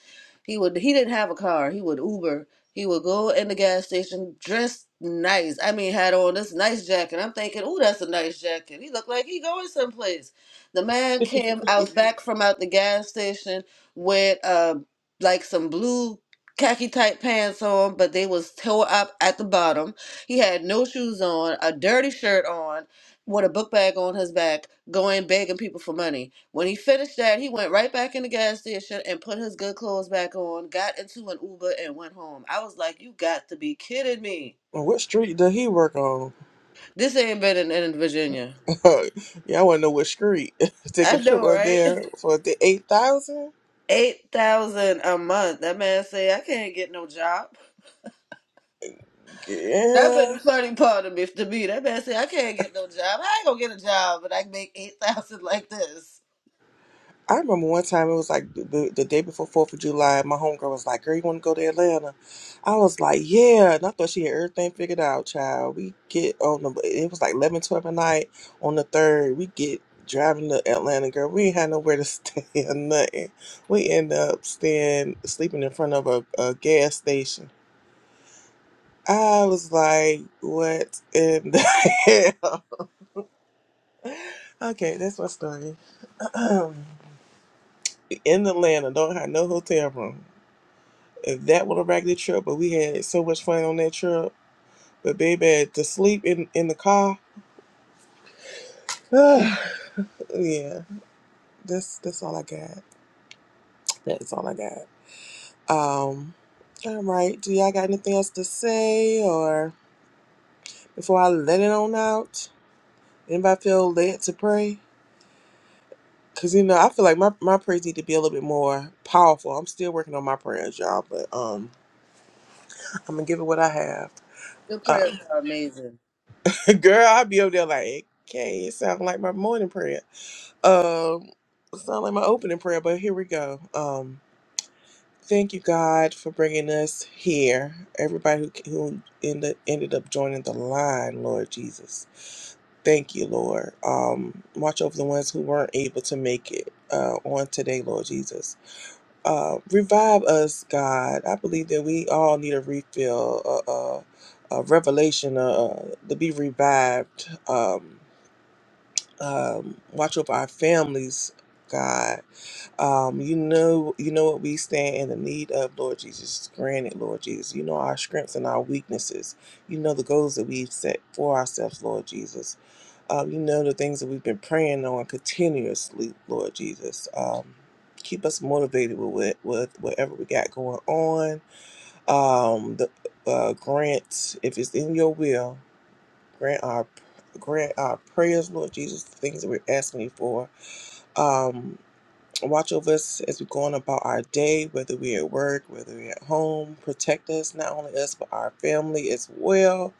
S4: he would he didn't have a car. He would Uber. He would go in the gas station dressed nice. I mean, had on this nice jacket. I'm thinking, oh, that's a nice jacket. He looked like he going someplace. The man came out back from out the gas station with uh like some blue khaki tight pants on, but they was tore up at the bottom. He had no shoes on, a dirty shirt on, with a book bag on his back, going begging people for money. When he finished that, he went right back in the gas station and put his good clothes back on, got into an Uber, and went home. I was like, you got to be kidding me.
S1: Well, what street does he work on?
S4: This ain't been in, in Virginia.
S1: yeah, I want to know what street. Take
S4: I
S1: a trip
S4: know,
S1: up
S4: right?
S1: there for the eight thousand.
S4: 8000 a month. That man say, I can't get no job. That
S1: Yeah.
S4: been the funny part of me to me. That man say, I can't get no job. I ain't gonna get a job, but I can make 8000 like this.
S1: I remember one time it was like the, the day before Fourth of July. My homegirl was like, "Girl, you want to go to Atlanta?" I was like, "Yeah," and I thought she had everything figured out. Child, we get on the it was like 11 12 at night on the third. We get driving to Atlanta, girl. We ain't had nowhere to stay or nothing. We end up staying sleeping in front of a, a gas station. I was like, "What in the hell?" Okay, that's my story. in Atlanta, don't have no hotel room. that was a raggedy trip, but we had so much fun on that trip. But baby, to sleep in in the car, yeah. That's that's all I got. That's all I got. Um, all right. Do y'all got anything else to say, or before I let it on out? Anybody feel led to pray? Cause you know I feel like my my prayers need to be a little bit more powerful. I'm still working on my prayers, y'all, but um, I'm gonna give it what I have.
S4: Your prayers
S1: Um,
S4: are amazing.
S1: girl, I'll be over there like, okay, it sounds like my morning prayer. Um, it's not like my opening prayer, but here we go. Um, thank you, God, for bringing us here. Everybody who who ended ended up joining the line, Lord Jesus. Thank you, Lord. Um, watch over the ones who weren't able to make it uh, on today, Lord Jesus. Uh, revive us, God. I believe that we all need a refill, a, a, a revelation, uh, to be revived. Um, um, watch over our families, God. Um, you know, you know what we stand in the need of, Lord Jesus. Grant it, Lord Jesus. You know our strengths and our weaknesses. You know the goals that we've set for ourselves, Lord Jesus. Um, you know the things that we've been praying on continuously, Lord Jesus. Um, keep us motivated with, it- with whatever we got going on. Um, the uh, grant, if it's in your will, grant our grant our prayers, Lord Jesus, the things that we're asking you for. Um, watch over us as we go on about our day, whether we're at work, whether we're at home. Protect us, not only us but our family as well.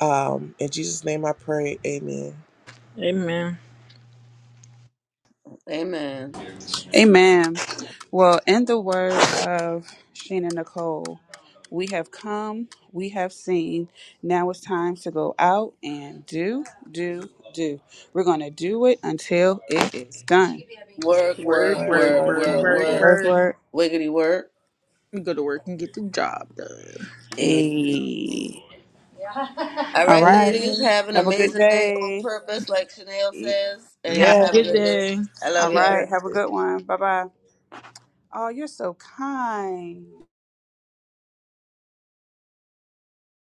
S1: Um, in Jesus' name, I pray. Amen.
S5: Amen.
S4: Amen.
S2: Amen. Well, in the words of Sheena Nicole, we have come, we have seen. Now it's time to go out and do, do, do. We're going to do it until it is done.
S4: Work,
S5: Work,
S4: work,
S2: Work,
S5: work,
S4: work,
S2: work,
S5: work,
S4: work,
S2: work,
S5: work,
S4: work.
S2: work,
S5: work.
S2: work.
S4: Wiggity work.
S5: Go to work and get the job done.
S4: Amen.
S2: Hey.
S4: All
S2: All
S4: right,
S2: right.
S4: ladies,
S1: Amen.
S4: have an
S2: Have a good
S4: amazing day on
S2: day.
S4: purpose, like Chanel
S1: Y-
S4: says, and
S5: Have
S4: y'all
S5: a
S4: have a
S5: good
S4: good
S1: Yes.
S4: day.
S5: day.
S4: I
S2: All
S4: love
S1: Happy
S4: y'all.
S2: right. Have a
S1: Thursday.
S2: good one. Bye bye. Oh, you're so kind.